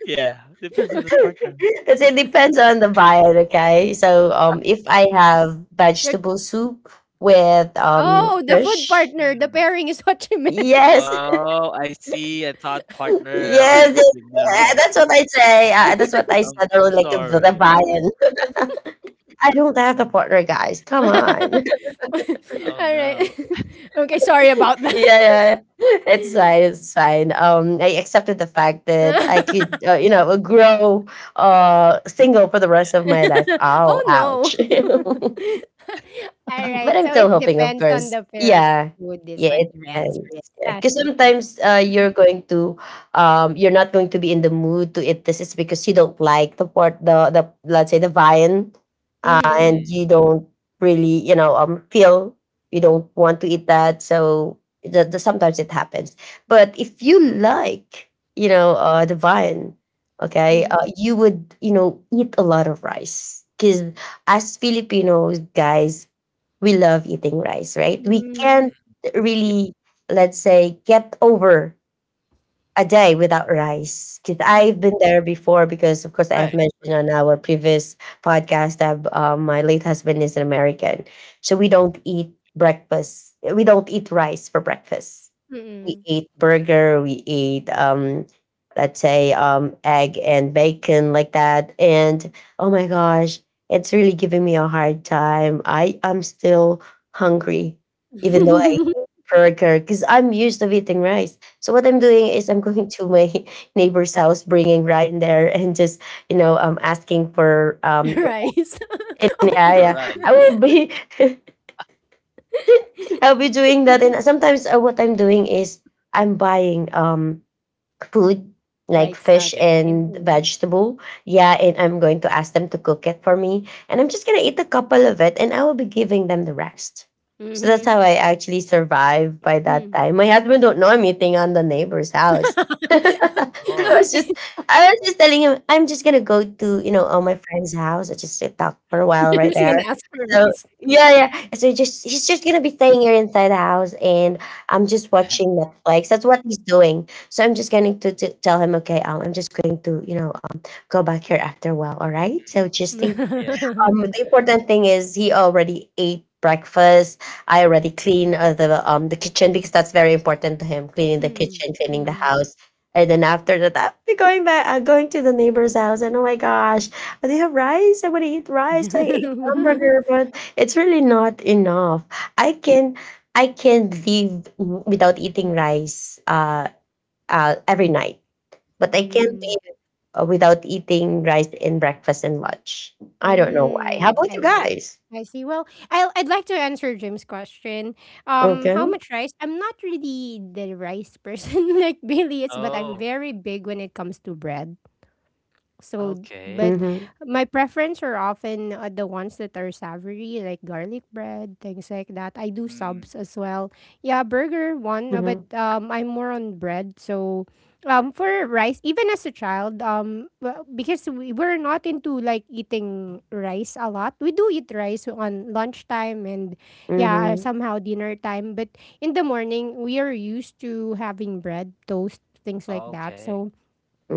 Speaker 3: Yeah. Depends on the partner.
Speaker 2: Because it depends on the diet, okay? So, if I have
Speaker 1: You're,
Speaker 2: vegetable soup with
Speaker 1: oh, the food
Speaker 2: fish,
Speaker 1: partner. The
Speaker 3: Hmm.
Speaker 1: pairing is what you meant.
Speaker 2: yes.
Speaker 3: Oh, I see. I thought partner like
Speaker 2: Yes, yes,
Speaker 3: you know.
Speaker 2: that's what I say. That's what I
Speaker 3: I'm
Speaker 2: said. I would
Speaker 3: I'm
Speaker 2: like the
Speaker 3: sorry about that.
Speaker 2: Vian. I don't have the
Speaker 3: Mm.
Speaker 2: partner, guys.
Speaker 1: All
Speaker 2: Come on.
Speaker 3: Oh
Speaker 1: right.
Speaker 3: no.
Speaker 1: Okay. Sorry about
Speaker 2: yeah, yeah, yeah. It's fine. It's fine. I accepted the fact that I could,
Speaker 1: that.
Speaker 2: you know, grow
Speaker 3: Mm.
Speaker 2: single for the
Speaker 3: Yeah.
Speaker 2: rest of my life. Oh,
Speaker 1: Oh no.
Speaker 2: ouch.
Speaker 1: All right.
Speaker 2: But I'm
Speaker 1: So
Speaker 2: still
Speaker 1: it
Speaker 2: hoping, of
Speaker 1: depends on
Speaker 2: course.
Speaker 1: the fairy
Speaker 2: Yeah.
Speaker 1: food is
Speaker 2: Yeah,
Speaker 1: what
Speaker 2: it
Speaker 1: your answer
Speaker 2: depends.
Speaker 1: is.
Speaker 2: Yeah. Because sometimes, you're going to, you're not going to be in the mood to eat this. It's because you don't like the part, the let's say, the viand,
Speaker 1: Mm-hmm,
Speaker 2: and
Speaker 3: Mm.
Speaker 2: you
Speaker 3: Yeah.
Speaker 2: don't really, you know, feel, you don't want to eat that. So, sometimes it happens. But if you
Speaker 3: Oh,
Speaker 2: like, the viand, okay, you would, you know, eat a lot of rice. Because, as Filipinos, guys, we love eating rice, right? We
Speaker 1: mm-hmm,
Speaker 2: can't
Speaker 3: yeah.
Speaker 2: really, let's say, get over a day without rice. Because I've been
Speaker 1: mm-hmm,
Speaker 2: there before. Because, of course, I have
Speaker 3: Right.
Speaker 2: mentioned on our previous podcast that my late husband is an American, so we don't eat breakfast. We don't eat rice for breakfast. We
Speaker 1: mm-hmm.
Speaker 2: eat burger. We eat, let's say, egg and bacon like that. And oh my gosh, it's really giving me a hard time. I am still hungry, even though I eat burger, because I'm used to eating rice. So what I'm doing is, I'm going to my neighbor's house, bringing Ryan there, and just, asking for,
Speaker 1: Rice. Oh,
Speaker 2: yeah,
Speaker 1: for...
Speaker 3: All
Speaker 2: yeah.
Speaker 3: right.
Speaker 2: I will be I'll be doing that. And sometimes, what I'm doing is, I'm buying food like
Speaker 1: Rice
Speaker 2: fish
Speaker 3: Yeah.
Speaker 1: outside.
Speaker 2: and
Speaker 1: Mm.
Speaker 2: vegetable. Yeah, and I'm going to ask them to cook it for me. And I'm just going to eat a couple of it, and I will be giving them the rest. So that's
Speaker 1: Mm-hmm.
Speaker 3: Mm.
Speaker 2: how I actually survive by that
Speaker 1: Mm.
Speaker 2: time. My husband don't know I'm eating on the neighbor's house. I
Speaker 3: Oh.
Speaker 2: was
Speaker 1: Okay.
Speaker 2: just I was just telling him I'm just gonna go to, you know, all my friend's house. I just sit up for a while
Speaker 1: You're
Speaker 2: right
Speaker 1: just gonna
Speaker 2: there.
Speaker 1: ask for
Speaker 2: So,
Speaker 1: rice.
Speaker 2: yeah, yeah. So he just, he's just gonna be staying here inside the house, and I'm just watching Netflix. That's what he's doing. So I'm just going, to tell him, okay, I'm just going to, you know, go back here after a while. All right. So, just think.
Speaker 3: Yeah.
Speaker 1: Mm.
Speaker 2: The important thing is he already ate breakfast. I already cleaned, the kitchen, because that's very important to him. Cleaning the
Speaker 1: Mm.
Speaker 2: kitchen, cleaning the house. And then after that, I'll be going back, going to the neighbor's house. And oh my gosh, do you have rice? I want to eat rice. I ate hamburger, but it's really not enough. I can I can live without eating rice. Every night. But I can't
Speaker 1: Mm.
Speaker 2: live without eating rice in breakfast and lunch. I don't know why. How
Speaker 1: Mm.
Speaker 2: about you guys?
Speaker 1: I see. Well, I'd like to answer Jim's question.
Speaker 2: Okay.
Speaker 1: How much rice? I'm not really the rice person like Billy is, but I'm
Speaker 3: Oh.
Speaker 1: very big when it comes to bread. So,
Speaker 3: Okay.
Speaker 1: but
Speaker 2: Mhm.
Speaker 1: my preference are often the ones that are savory, like garlic bread, things like that. I do
Speaker 3: Mm.
Speaker 1: subs as well. Yeah, burger one, but
Speaker 2: Mhm.
Speaker 1: I'm more on bread. So, for rice, even as a child, well, because we were not into like eating rice a lot. We do eat rice on lunchtime and yeah,
Speaker 2: Mhm.
Speaker 1: somehow dinner time. But in the morning, we are used to having bread, toast, things like that.
Speaker 3: Okay.
Speaker 1: So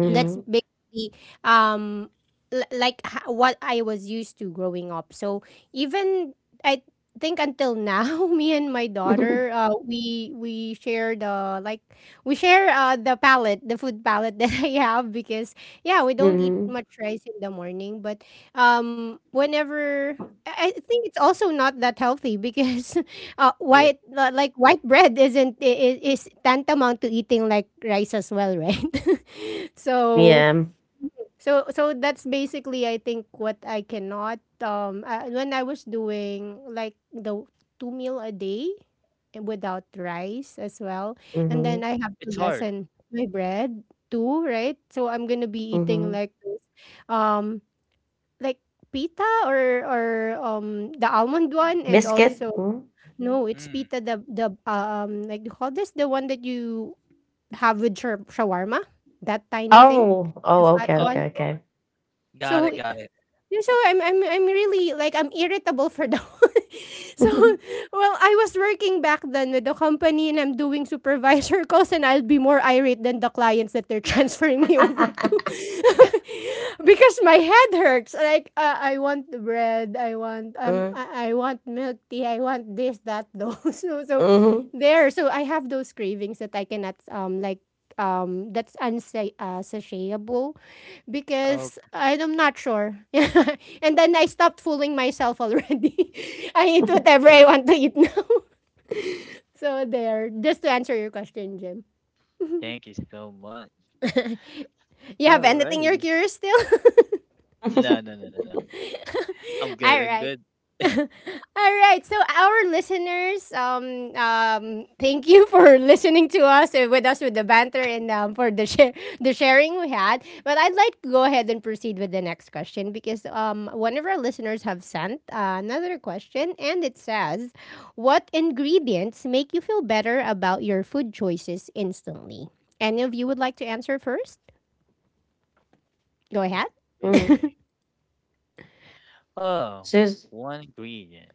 Speaker 3: Yeah.
Speaker 1: that's basically um what I was used to growing up. So even I think until now, me and my daughter, we share the like we share the palette, the food palette that I have because yeah, we don't eat
Speaker 2: mhm.
Speaker 1: much rice in the morning, but whenever. I think it's also not that healthy because
Speaker 3: Yeah.
Speaker 1: white like white bread isn't is tantamount to eating like rice as well, right? So
Speaker 2: Yeah.
Speaker 1: so that's basically I think what I cannot when I was doing like the two meal a day without rice as well, and
Speaker 2: Mhm.
Speaker 1: then I have to
Speaker 3: It's hard.
Speaker 1: lessen my bread too, right? So I'm gonna be eating
Speaker 2: Mhm.
Speaker 1: like those, um like pita or the almond one and
Speaker 2: Biscuit.
Speaker 1: also
Speaker 2: Mm.
Speaker 1: no, it's
Speaker 3: Mm.
Speaker 1: pita, the like you call this, the one that you have with shawarma? That tiny thing,
Speaker 2: Oh.
Speaker 1: the
Speaker 2: Oh.
Speaker 3: Oh,
Speaker 2: Okay.
Speaker 1: fat
Speaker 2: Okay.
Speaker 1: one.
Speaker 2: Okay.
Speaker 3: got it.
Speaker 1: So
Speaker 3: Got it.
Speaker 1: yeah, So I'm really like I'm irritable for the So well I was working back then with the company and I'm doing
Speaker 3: Mm.
Speaker 1: supervisor calls and I'll be more irate than the clients that they're transferring me over to because my head hurts like I want the bread I want
Speaker 2: mm.
Speaker 1: I want milk tea I want this that those so
Speaker 2: Mhm.
Speaker 1: there so I have those cravings that I cannot like that's satiable because
Speaker 3: Okay.
Speaker 1: I'm not sure. And then I stopped fooling myself already. I eat whatever I want to eat now. So there, just to answer your question, Jim.
Speaker 3: Thank you so much.
Speaker 1: You have
Speaker 3: All right.
Speaker 1: anything you're curious still?
Speaker 3: No, no, no, no, no. I'm good.
Speaker 1: All
Speaker 3: I'm
Speaker 1: right.
Speaker 3: good.
Speaker 1: All right. So our listeners, thank you for listening to us with us with the banter and for the share the sharing we had. But I'd like to go ahead and proceed with the next question because one of our listeners have sent another question and it says, "What ingredients make you feel better about your food choices instantly?" Any of you would like to answer first? Go ahead.
Speaker 2: Mm.
Speaker 3: Okay. Oh,
Speaker 2: Sis.
Speaker 3: one ingredient.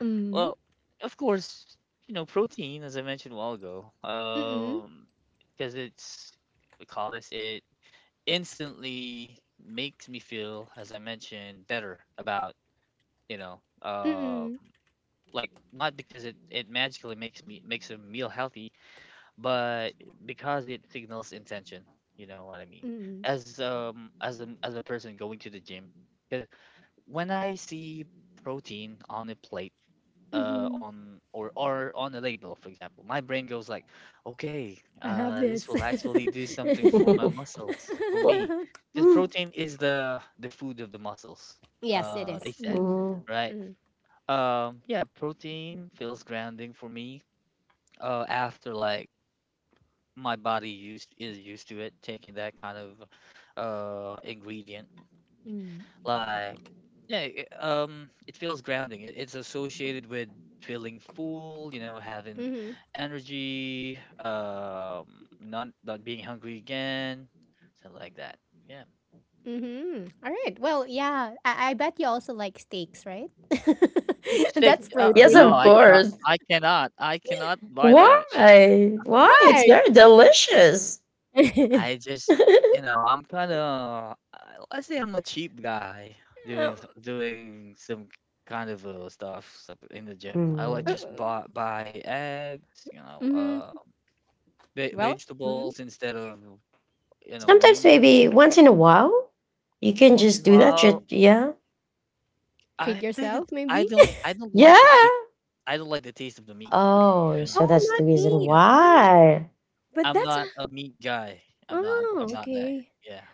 Speaker 1: Mm.
Speaker 3: Well, of course, you know, protein, as I mentioned a while ago,
Speaker 1: Mm.
Speaker 3: because we call this it, instantly makes me feel, as I mentioned, better about, you know,
Speaker 1: Mm. Mm.
Speaker 3: like not because it magically makes a meal healthy, but because it signals intention, you know what I mean,
Speaker 1: Mm.
Speaker 3: as a person going to the gym. Because when I see protein on a plate,
Speaker 1: Mm.
Speaker 3: on or on a label, for example, my brain goes like, okay,
Speaker 1: I love
Speaker 3: this
Speaker 1: this.
Speaker 3: will actually do something for my muscles, for me, because
Speaker 2: Mm.
Speaker 3: protein is the food of the muscles,
Speaker 1: Yes, it is.
Speaker 3: they said,
Speaker 1: Mhm,
Speaker 3: right?
Speaker 1: mhm,
Speaker 3: Yeah, protein feels grounding for me, after like my body used is used to it, taking that kind of ingredient. Like, yeah, it it feels grounding, it's associated with feeling full, you know, having
Speaker 1: mhm,
Speaker 3: energy, not being hungry again, something like that, yeah.
Speaker 1: mhm. All right. Well, yeah. I bet you also like steaks, right?
Speaker 3: Steak,
Speaker 1: That's
Speaker 2: Yes,
Speaker 3: no,
Speaker 1: protein.
Speaker 2: of
Speaker 3: i cannot
Speaker 2: course.
Speaker 3: i cannot I cannot buy that.
Speaker 2: Why? Why? It's
Speaker 1: Why?
Speaker 2: very delicious.
Speaker 3: I just, you know, I'm kind of, I say I'm a cheap guy doing
Speaker 1: Um,
Speaker 3: doing some kind of stuff in the gym. I would
Speaker 1: uh,
Speaker 2: Mm.
Speaker 3: just buy eggs, you know,
Speaker 1: mhm. Well, mm,
Speaker 3: vegetables instead of, you know,
Speaker 2: Sometimes,
Speaker 3: meat.
Speaker 2: maybe once in a while, you can
Speaker 3: Once
Speaker 2: just
Speaker 3: in a
Speaker 2: do that.
Speaker 3: while,
Speaker 2: Yeah.
Speaker 1: treat
Speaker 3: I think
Speaker 1: yourself,
Speaker 3: it's,
Speaker 1: maybe.
Speaker 3: I don't
Speaker 2: Yeah.
Speaker 3: like the taste. I don't like the taste of the meat. To be
Speaker 2: Oh,
Speaker 1: Oh,
Speaker 2: so
Speaker 3: honest,
Speaker 2: that's the
Speaker 1: not
Speaker 2: reason
Speaker 1: meat.
Speaker 3: yeah,
Speaker 1: Um,
Speaker 2: why.
Speaker 1: But
Speaker 3: I'm
Speaker 1: that's
Speaker 3: not a meat guy. I'm not.
Speaker 1: oh
Speaker 3: I'm not that.
Speaker 1: okay.
Speaker 3: Yeah,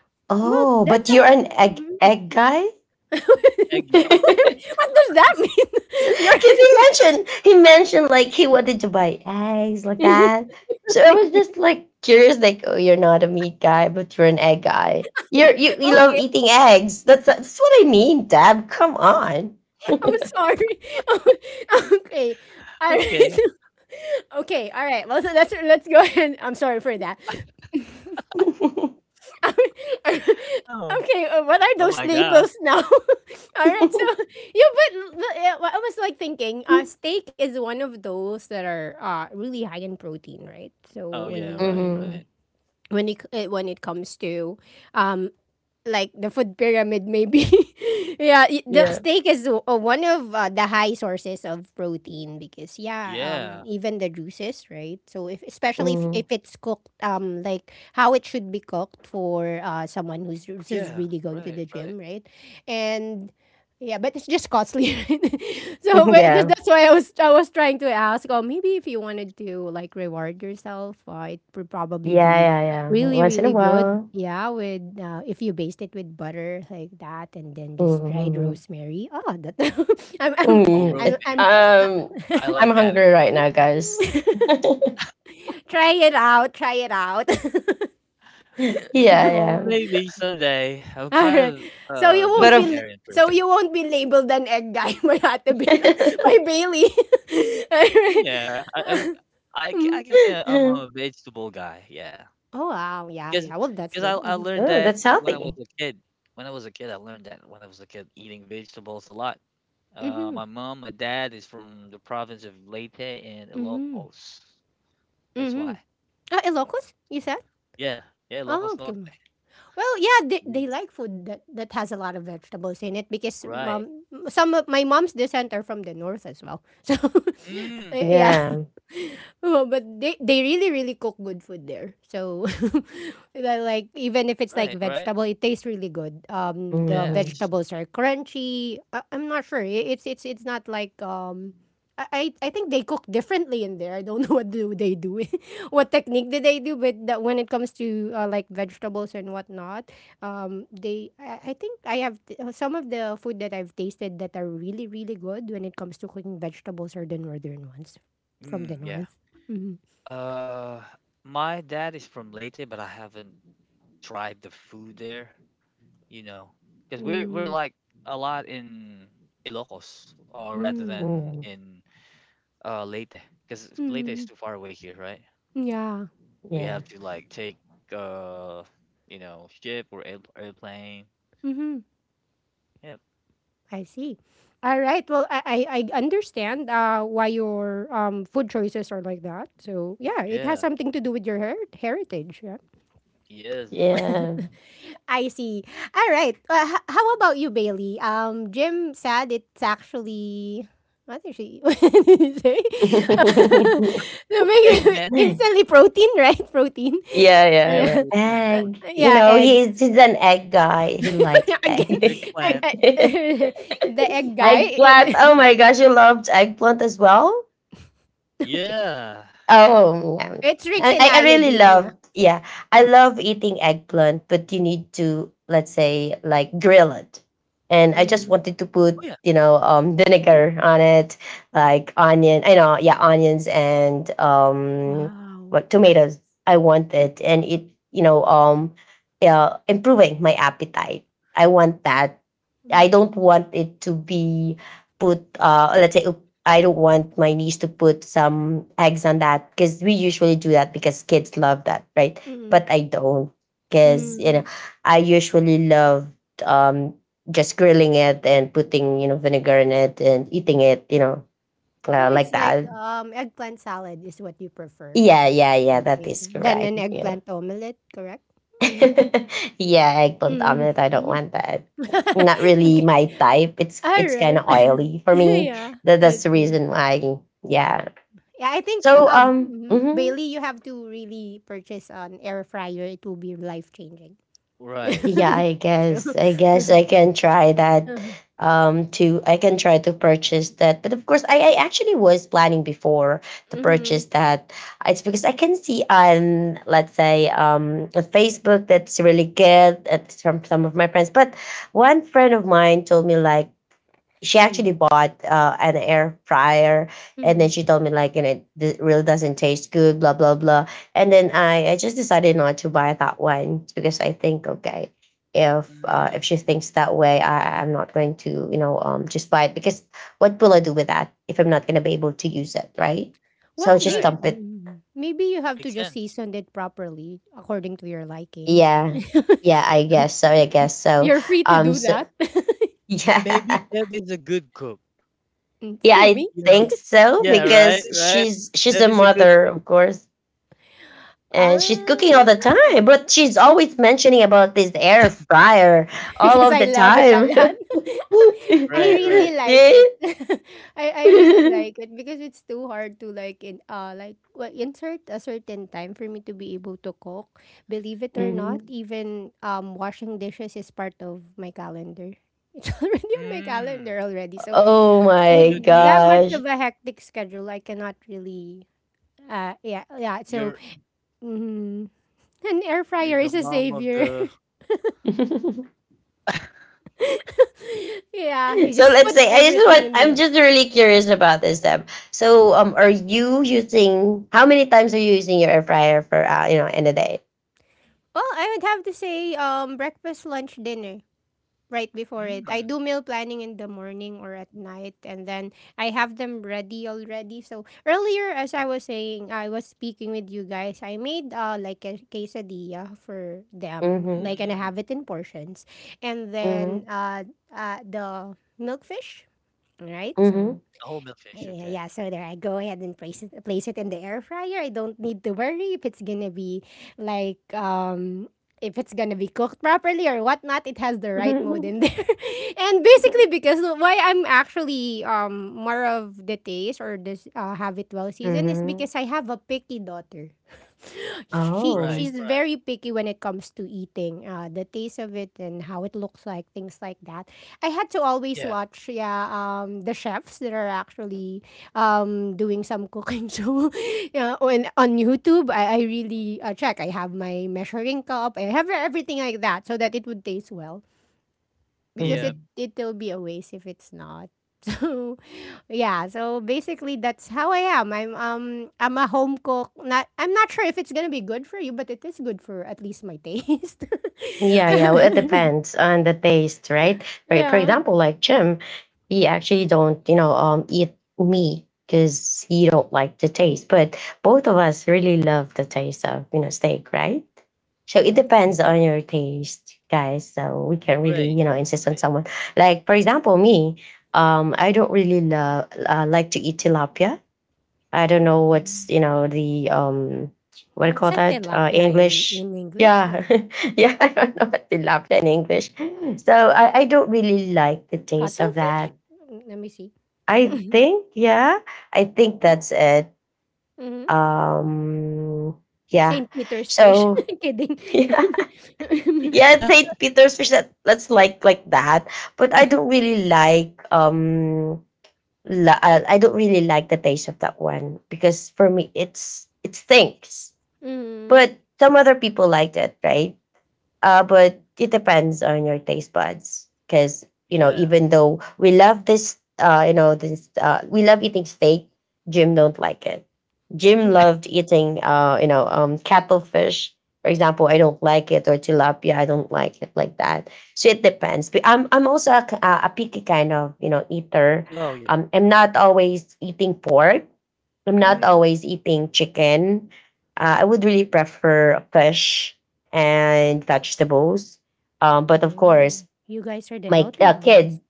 Speaker 1: Well,
Speaker 2: Oh,
Speaker 1: that's
Speaker 2: but you're
Speaker 1: a
Speaker 2: an egg
Speaker 1: mm.
Speaker 2: guy.
Speaker 1: What
Speaker 3: eggy.
Speaker 1: does that mean?
Speaker 2: Because he mentioned like he wanted to buy eggs like
Speaker 1: You're.
Speaker 2: that. So I was just like curious, like, oh, you're not a meat guy, but you're an egg guy. You love eating eggs. That's what I mean, Deb. Come on.
Speaker 1: I'm sorry. Okay. All right.
Speaker 3: Okay.
Speaker 1: Okay. All right. Well, so let's go ahead. I'm sorry for that. Okay. Uh,
Speaker 3: Oh.
Speaker 1: what are
Speaker 3: Oh
Speaker 1: those
Speaker 3: my gosh.
Speaker 1: labels now? All right. So yeah, but yeah, what I was like thinking, steak is one of those that are really high in protein, right? So
Speaker 3: Oh yeah. Right. Right.
Speaker 2: hmm.
Speaker 1: when it, eh, when it comes to um like the food pyramid maybe yeah the
Speaker 2: Yeah.
Speaker 1: steak is one of the high sources of protein because yeah
Speaker 3: Yeah,
Speaker 1: even the juices right so if especially if
Speaker 2: Hmm.
Speaker 1: it's cooked like how it should be cooked for someone who's
Speaker 3: yeah,
Speaker 1: really going to
Speaker 3: right,
Speaker 1: the
Speaker 3: right.
Speaker 1: gym right and yeah, but it's just costly. Right? So but just
Speaker 2: Yeah.
Speaker 1: that's why I was trying to ask. Oh, maybe if you wanted to like reward yourself, it would probably
Speaker 2: Yeah,
Speaker 1: be
Speaker 2: yeah, yeah.
Speaker 1: really
Speaker 2: Once in a
Speaker 1: really good
Speaker 2: while.
Speaker 1: yeah with if you baste it with butter like that and then just dried
Speaker 2: Hmm.
Speaker 1: rosemary oh that i'm i'm
Speaker 3: Oh,
Speaker 2: Mm, it-
Speaker 3: rosemary,
Speaker 1: I'm
Speaker 3: yeah,
Speaker 2: Um,
Speaker 3: I
Speaker 2: I'm
Speaker 3: like that
Speaker 2: hungry
Speaker 3: ingredient.
Speaker 2: right now, guys.
Speaker 1: try it out
Speaker 2: Yeah,
Speaker 3: Well,
Speaker 2: yeah.
Speaker 3: maybe someday. I'm
Speaker 1: all
Speaker 3: kind
Speaker 1: right
Speaker 3: of
Speaker 1: so you
Speaker 3: a
Speaker 2: But
Speaker 1: won't be l-
Speaker 2: of.
Speaker 3: vegetarian
Speaker 1: so
Speaker 3: person.
Speaker 1: you won't be labeled an egg guy by by Bailey all right
Speaker 3: Yeah, I, I'm,
Speaker 1: Mm.
Speaker 3: I can say I'm a vegetable guy. Yeah,
Speaker 1: Oh wow yeah
Speaker 3: because
Speaker 1: yeah well that's
Speaker 3: I
Speaker 1: good mm-hmm
Speaker 3: learned
Speaker 2: Oh,
Speaker 3: that
Speaker 2: that's
Speaker 3: when I was
Speaker 2: healthy.
Speaker 3: a kid. When I was a kid, I learned that when I was a kid, eating vegetables a lot.
Speaker 1: mm-hmm
Speaker 3: My mom, my dad is from the province of Leyte and
Speaker 1: mm-hmm
Speaker 3: Ilocos. That's
Speaker 1: mm-hmm.
Speaker 3: why.
Speaker 1: Ah, Ilocos you said
Speaker 3: Yeah, yeah,
Speaker 1: oh
Speaker 3: Ilocos
Speaker 1: okay.
Speaker 3: Norte.
Speaker 1: Well, yeah, they
Speaker 3: Yes.
Speaker 1: like food that, that has a lot of vegetables in it because
Speaker 3: Right.
Speaker 1: mom, some of my mom's descent are from the north as well. So,
Speaker 3: Mm,
Speaker 1: yeah.
Speaker 2: Yeah.
Speaker 1: Oh, but they really, really cook good food there. So, they're like, even if it's like
Speaker 3: right, right.
Speaker 1: vegetable, it tastes really good. The
Speaker 2: Mhm.
Speaker 3: Yes.
Speaker 1: vegetables are crunchy. I'm not sure. It's not like, I think they cook differently in there. I don't know what do they do. What technique did they do with that when it comes to like vegetables and whatnot they I think some of the food that I've tasted that are really really good when it comes to cooking vegetables are the northern ones from the
Speaker 3: Mm, yeah.
Speaker 1: north mm
Speaker 3: Uh, my dad is from Leyte, but I haven't tried the food there, you know, because we're
Speaker 1: mm
Speaker 3: like a lot in Ilocos, or rather
Speaker 1: mm,
Speaker 3: than
Speaker 2: Mm.
Speaker 3: in Leyte, because Leyte is
Speaker 1: mm.
Speaker 3: too far away here, right?
Speaker 1: Yeah
Speaker 3: We
Speaker 2: Yeah.
Speaker 3: have to like take uh, you know, ship or airplane.
Speaker 1: mm-hmm.
Speaker 3: Yep.
Speaker 1: I see all right well I understand why your food choices are like that so yeah it has
Speaker 3: Yeah.
Speaker 1: something to do with your heritage. Yeah.
Speaker 3: Yes.
Speaker 2: Yeah.
Speaker 1: I see. All right. How about you, Bailey? Jim said it's actually what did she what did he say? To make
Speaker 3: Eggman.
Speaker 2: yeah,
Speaker 1: instantly protein, right? Protein.
Speaker 2: yeah,
Speaker 3: Yeah,
Speaker 2: yeah.
Speaker 1: Yeah,
Speaker 3: protein,
Speaker 1: uh,
Speaker 2: Egg.
Speaker 3: protein.
Speaker 2: You
Speaker 1: yeah,
Speaker 2: know,
Speaker 1: eggs.
Speaker 2: he's an egg guy. He likes
Speaker 1: Again,
Speaker 2: egg.
Speaker 1: I,
Speaker 3: Eggplant.
Speaker 1: I, the egg guy.
Speaker 2: eggplant. Oh my gosh, you loved eggplant as well?
Speaker 1: Okay,
Speaker 3: Yeah.
Speaker 2: Oh, yeah.
Speaker 1: it's rich in
Speaker 2: I really
Speaker 1: iodine. Yeah.
Speaker 2: love, yeah, I love eating eggplant, but you need to, let's say, like grill it. And I just
Speaker 3: Mm.
Speaker 1: Mm.
Speaker 2: wanted to put,
Speaker 3: Oh yeah.
Speaker 2: you know, vinegar on it, like onion, I know, yeah, onions and
Speaker 1: Wow.
Speaker 2: what tomatoes. I want it, and it, yeah, improving my appetite. I want that. I don't
Speaker 1: Mm.
Speaker 2: want it to be put, let's say, I don't want my niece to put some eggs on that because we usually do that because kids love that, right?
Speaker 1: Mm.
Speaker 2: But I don't because you
Speaker 1: Mm.
Speaker 2: know I usually love um, just grilling it and putting you know vinegar in it and eating it, you know,
Speaker 1: So
Speaker 2: uh,
Speaker 1: it's
Speaker 2: like
Speaker 1: like
Speaker 2: that.
Speaker 1: eggplant salad is what you prefer.
Speaker 2: Yeah, yeah, yeah. That
Speaker 1: Okay,
Speaker 2: is
Speaker 1: then
Speaker 2: correct.
Speaker 1: an
Speaker 2: Yeah,
Speaker 1: eggplant omelet, correct? Mhm.
Speaker 2: yeah. Eggplant
Speaker 1: Mm.
Speaker 2: omelet. I don't want that. Not really
Speaker 1: Okay,
Speaker 2: my type. It's kind
Speaker 1: alright.
Speaker 2: of oily for me.
Speaker 1: Yeah,
Speaker 2: That
Speaker 1: I
Speaker 2: that's the
Speaker 1: see.
Speaker 2: reason why. Yeah.
Speaker 1: Yeah, I think,
Speaker 2: So
Speaker 1: mhm, Bailey, you have to really purchase an air fryer. It will be life changing.
Speaker 3: Right.
Speaker 2: Yeah, I
Speaker 1: True.
Speaker 2: guess. I guess I can try that. To I can try to purchase that, but of course, I actually was planning before to purchase
Speaker 1: Mhm,
Speaker 2: that. It's because I can see on let's say on Facebook that's really good. It's from some of my friends, but one friend of mine told me like she actually
Speaker 1: mhm,
Speaker 2: bought an air fryer and then
Speaker 1: mhm.
Speaker 2: she told me like and it really doesn't taste good, blah blah blah, and then I just decided not to buy that one because I think okay,
Speaker 3: Mm,
Speaker 2: if she thinks that way I'm not going to you know just buy it because what will I do with that if I'm not going to be able to use it, right?
Speaker 1: Well,
Speaker 2: So I'll just
Speaker 3: right.
Speaker 2: dump it.
Speaker 1: maybe you have to
Speaker 3: Makes
Speaker 1: just
Speaker 3: sense.
Speaker 1: season it properly according to your liking.
Speaker 2: Yeah, yeah, I guess so, I guess so.
Speaker 1: You're free to
Speaker 2: um
Speaker 1: do
Speaker 2: so
Speaker 1: that.
Speaker 3: Maybe
Speaker 2: yeah,
Speaker 3: Deb is a good cook.
Speaker 1: Mm,
Speaker 2: yeah,
Speaker 1: who,
Speaker 2: I
Speaker 1: me?
Speaker 3: You
Speaker 2: think
Speaker 3: know?
Speaker 2: so
Speaker 3: Yeah, right,
Speaker 2: because
Speaker 3: right.
Speaker 2: she's
Speaker 3: Deb
Speaker 2: a
Speaker 3: is a good
Speaker 2: mother,
Speaker 3: cook.
Speaker 2: of course, and she's cooking all the time,
Speaker 1: Ah.
Speaker 2: but she's always mentioning about this air fryer all
Speaker 1: Because
Speaker 2: of
Speaker 1: I
Speaker 2: the
Speaker 1: love it a
Speaker 2: time.
Speaker 1: lot. I
Speaker 3: Right, right.
Speaker 1: really like it.
Speaker 2: See?
Speaker 1: I really like it because it's too hard to like in like well, insert a certain time for me to be able to cook. Believe it or not,
Speaker 2: Mhm.
Speaker 1: even washing dishes is part of my calendar. It's already on my
Speaker 3: Mm,
Speaker 1: calendar already. So
Speaker 2: Oh
Speaker 1: with
Speaker 2: my
Speaker 3: good, good.
Speaker 1: that much of
Speaker 2: gosh.
Speaker 1: a hectic schedule, I cannot really yeah yeah so
Speaker 3: You're
Speaker 1: mm, an air
Speaker 3: you're
Speaker 1: fryer
Speaker 3: the
Speaker 1: is a
Speaker 3: mom of
Speaker 1: savior.
Speaker 3: the,
Speaker 2: So
Speaker 1: Yeah, you just
Speaker 2: let's
Speaker 1: put
Speaker 2: say I just
Speaker 1: everything
Speaker 2: want,
Speaker 1: in there.
Speaker 2: I'm just really curious about this, Deb. So are you using, how many times are you using your air fryer for you know, in a day?
Speaker 1: Well, I would have to say breakfast, lunch, dinner right before it. I
Speaker 3: mm,
Speaker 1: do meal planning in the morning or at night and then I have them ready already. So earlier as I was saying, I was speaking with you guys. I made like a quesadilla for them.
Speaker 2: Mm-hmm.
Speaker 1: Like and I have
Speaker 3: mm.
Speaker 1: it in portions. And then
Speaker 2: Mm-hmm.
Speaker 1: the milkfish, all right? So
Speaker 3: The whole milkfish. Okay.
Speaker 1: yeah, yeah, so there I go ahead and place it in the air fryer. I don't need to worry if it's gonna be like if it's gonna be cooked properly or whatnot, it has the right mode
Speaker 2: Mm-hmm.
Speaker 1: in there. And basically because why I'm actually more of the taste or this have it well seasoned is
Speaker 2: Mm-hmm.
Speaker 1: because I have a picky daughter.
Speaker 3: Right,
Speaker 2: Oh.
Speaker 1: She's
Speaker 3: right.
Speaker 1: very picky when it comes to eating, the taste of it and how it looks like, things like that. I had to
Speaker 3: Yeah,
Speaker 1: always watch yeah the chefs that are actually doing some cooking show yeah on YouTube I really check I have my measuring cup I have everything like that so that it would taste well
Speaker 3: yeah.
Speaker 1: because it
Speaker 2: Mhm.
Speaker 1: it'll be a waste if it's not so yeah so basically that's how I am I'm a home cook not I'm not sure if it's gonna be good for you but it is good for at least my taste
Speaker 2: Yeah, yeah. Well, it depends on the taste, right? For
Speaker 1: yeah
Speaker 2: example, like Jim, he actually don't, you know, eat meat because he don't like the taste. But both of us really love the taste of, you know, steak, right? So
Speaker 1: I
Speaker 2: it
Speaker 1: like.
Speaker 2: depends
Speaker 3: Eh,
Speaker 2: on your taste, guys. So we can really,
Speaker 3: right,
Speaker 2: you know,
Speaker 3: right,
Speaker 2: insist on
Speaker 3: right.
Speaker 2: someone. Like for example, me, I don't really love like to eat tilapia. I don't know what's
Speaker 3: Mm,
Speaker 2: you know the what do you
Speaker 1: What's
Speaker 2: call
Speaker 1: a
Speaker 2: that,
Speaker 1: tilapia
Speaker 2: English.
Speaker 1: in English? Let
Speaker 2: Yeah,
Speaker 1: me
Speaker 2: yeah, I don't know what they laughed in English. So I don't really like the taste of
Speaker 1: cuttlefish?
Speaker 2: that.
Speaker 1: Mm, let me see.
Speaker 2: I think, yeah, I think that's it.
Speaker 1: Hmm.
Speaker 2: Um, yeah.
Speaker 1: Saint Peter's fish.
Speaker 2: So
Speaker 1: Kidding.
Speaker 2: yeah, yeah, St. Peter's fish. That let's like that. But I don't really like I don't really like the taste of that one because for me it's it stinks.
Speaker 1: Mm
Speaker 2: But some other people liked it, right? But it depends on your taste buds because you know
Speaker 3: yeah.
Speaker 2: even though we love this, you know we love eating steak. Jim don't like it. Jim
Speaker 1: mm
Speaker 2: loved eating, you know, cattlefish. For example, I don't like it, or tilapia, I don't like it like that. So it depends. But I'm also a, a picky kind of you know eater.
Speaker 3: Oh, yeah.
Speaker 2: I'm not always eating pork. I'm not
Speaker 1: mm.
Speaker 3: Mm.
Speaker 2: always eating chicken. I would really prefer fish and vegetables. But of
Speaker 1: Wow.
Speaker 2: course,
Speaker 1: You guys are the
Speaker 2: my
Speaker 1: healthy
Speaker 2: kid,
Speaker 1: ones.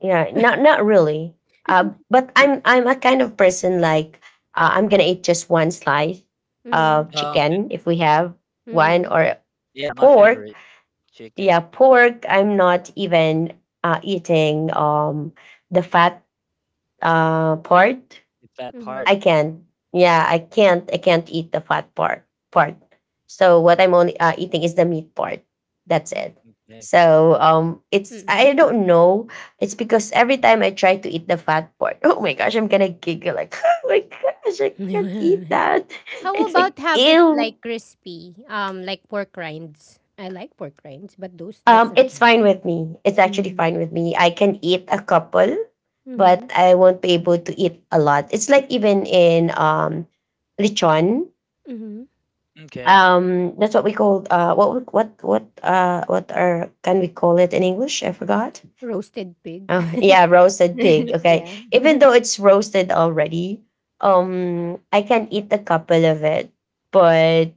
Speaker 2: yeah, not not really. But I'm a kind of person like I'm gonna eat just one slice
Speaker 1: Mm-hmm.
Speaker 2: of
Speaker 3: Oh, okay.
Speaker 2: chicken if we have one
Speaker 1: Mm-hmm.
Speaker 2: or
Speaker 3: Yeah, my
Speaker 2: pork.
Speaker 3: favorite
Speaker 2: Yeah,
Speaker 3: chicken.
Speaker 2: pork. I'm not even eating the fat part
Speaker 3: The fat
Speaker 1: Mm-hmm.
Speaker 2: I
Speaker 3: part.
Speaker 2: can. Yeah, I can't. I can't eat the fat part. Part. So what I'm only eating is the meat part. That's it.
Speaker 3: Okay.
Speaker 2: So it's
Speaker 1: Mm.
Speaker 2: I don't know. It's because every time I try to eat the fat part, oh my gosh, I'm gonna giggle like, oh my gosh, I can't eat that.
Speaker 1: How
Speaker 2: It's like
Speaker 1: about have it
Speaker 2: ew.
Speaker 1: like crispy? Like pork rinds. I like pork rinds, but those that's a
Speaker 2: It's
Speaker 1: bad.
Speaker 2: fine with me. It's actually fine
Speaker 1: Mm-hmm.
Speaker 2: with me. I can eat a couple, but
Speaker 1: Mm-hmm.
Speaker 2: I won't be able to eat a lot. It's like even in lechon.
Speaker 1: Mm-hmm.
Speaker 3: Okay.
Speaker 2: That's what we called. What what are can we call it in English? I forgot.
Speaker 1: Roasted pig.
Speaker 2: Oh yeah, roasted pig.
Speaker 3: Roasted
Speaker 2: Okay,
Speaker 3: pig.
Speaker 1: Yeah.
Speaker 2: even though it's roasted already, I can eat a couple of it, but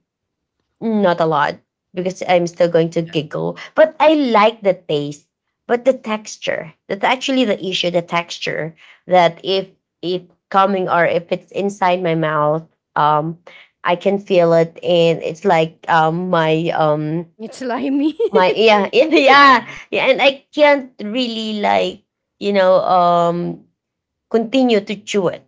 Speaker 2: not a lot because I'm still going to
Speaker 3: Yeah.
Speaker 2: giggle. But I like the taste, but the texture. That's actually the issue. The texture that if it coming or if it's inside my mouth, um, I can feel it, and it's like
Speaker 1: It's slimy.
Speaker 2: my yeah yeah
Speaker 3: Slimy.
Speaker 2: yeah, and I can't really like you know continue to chew it.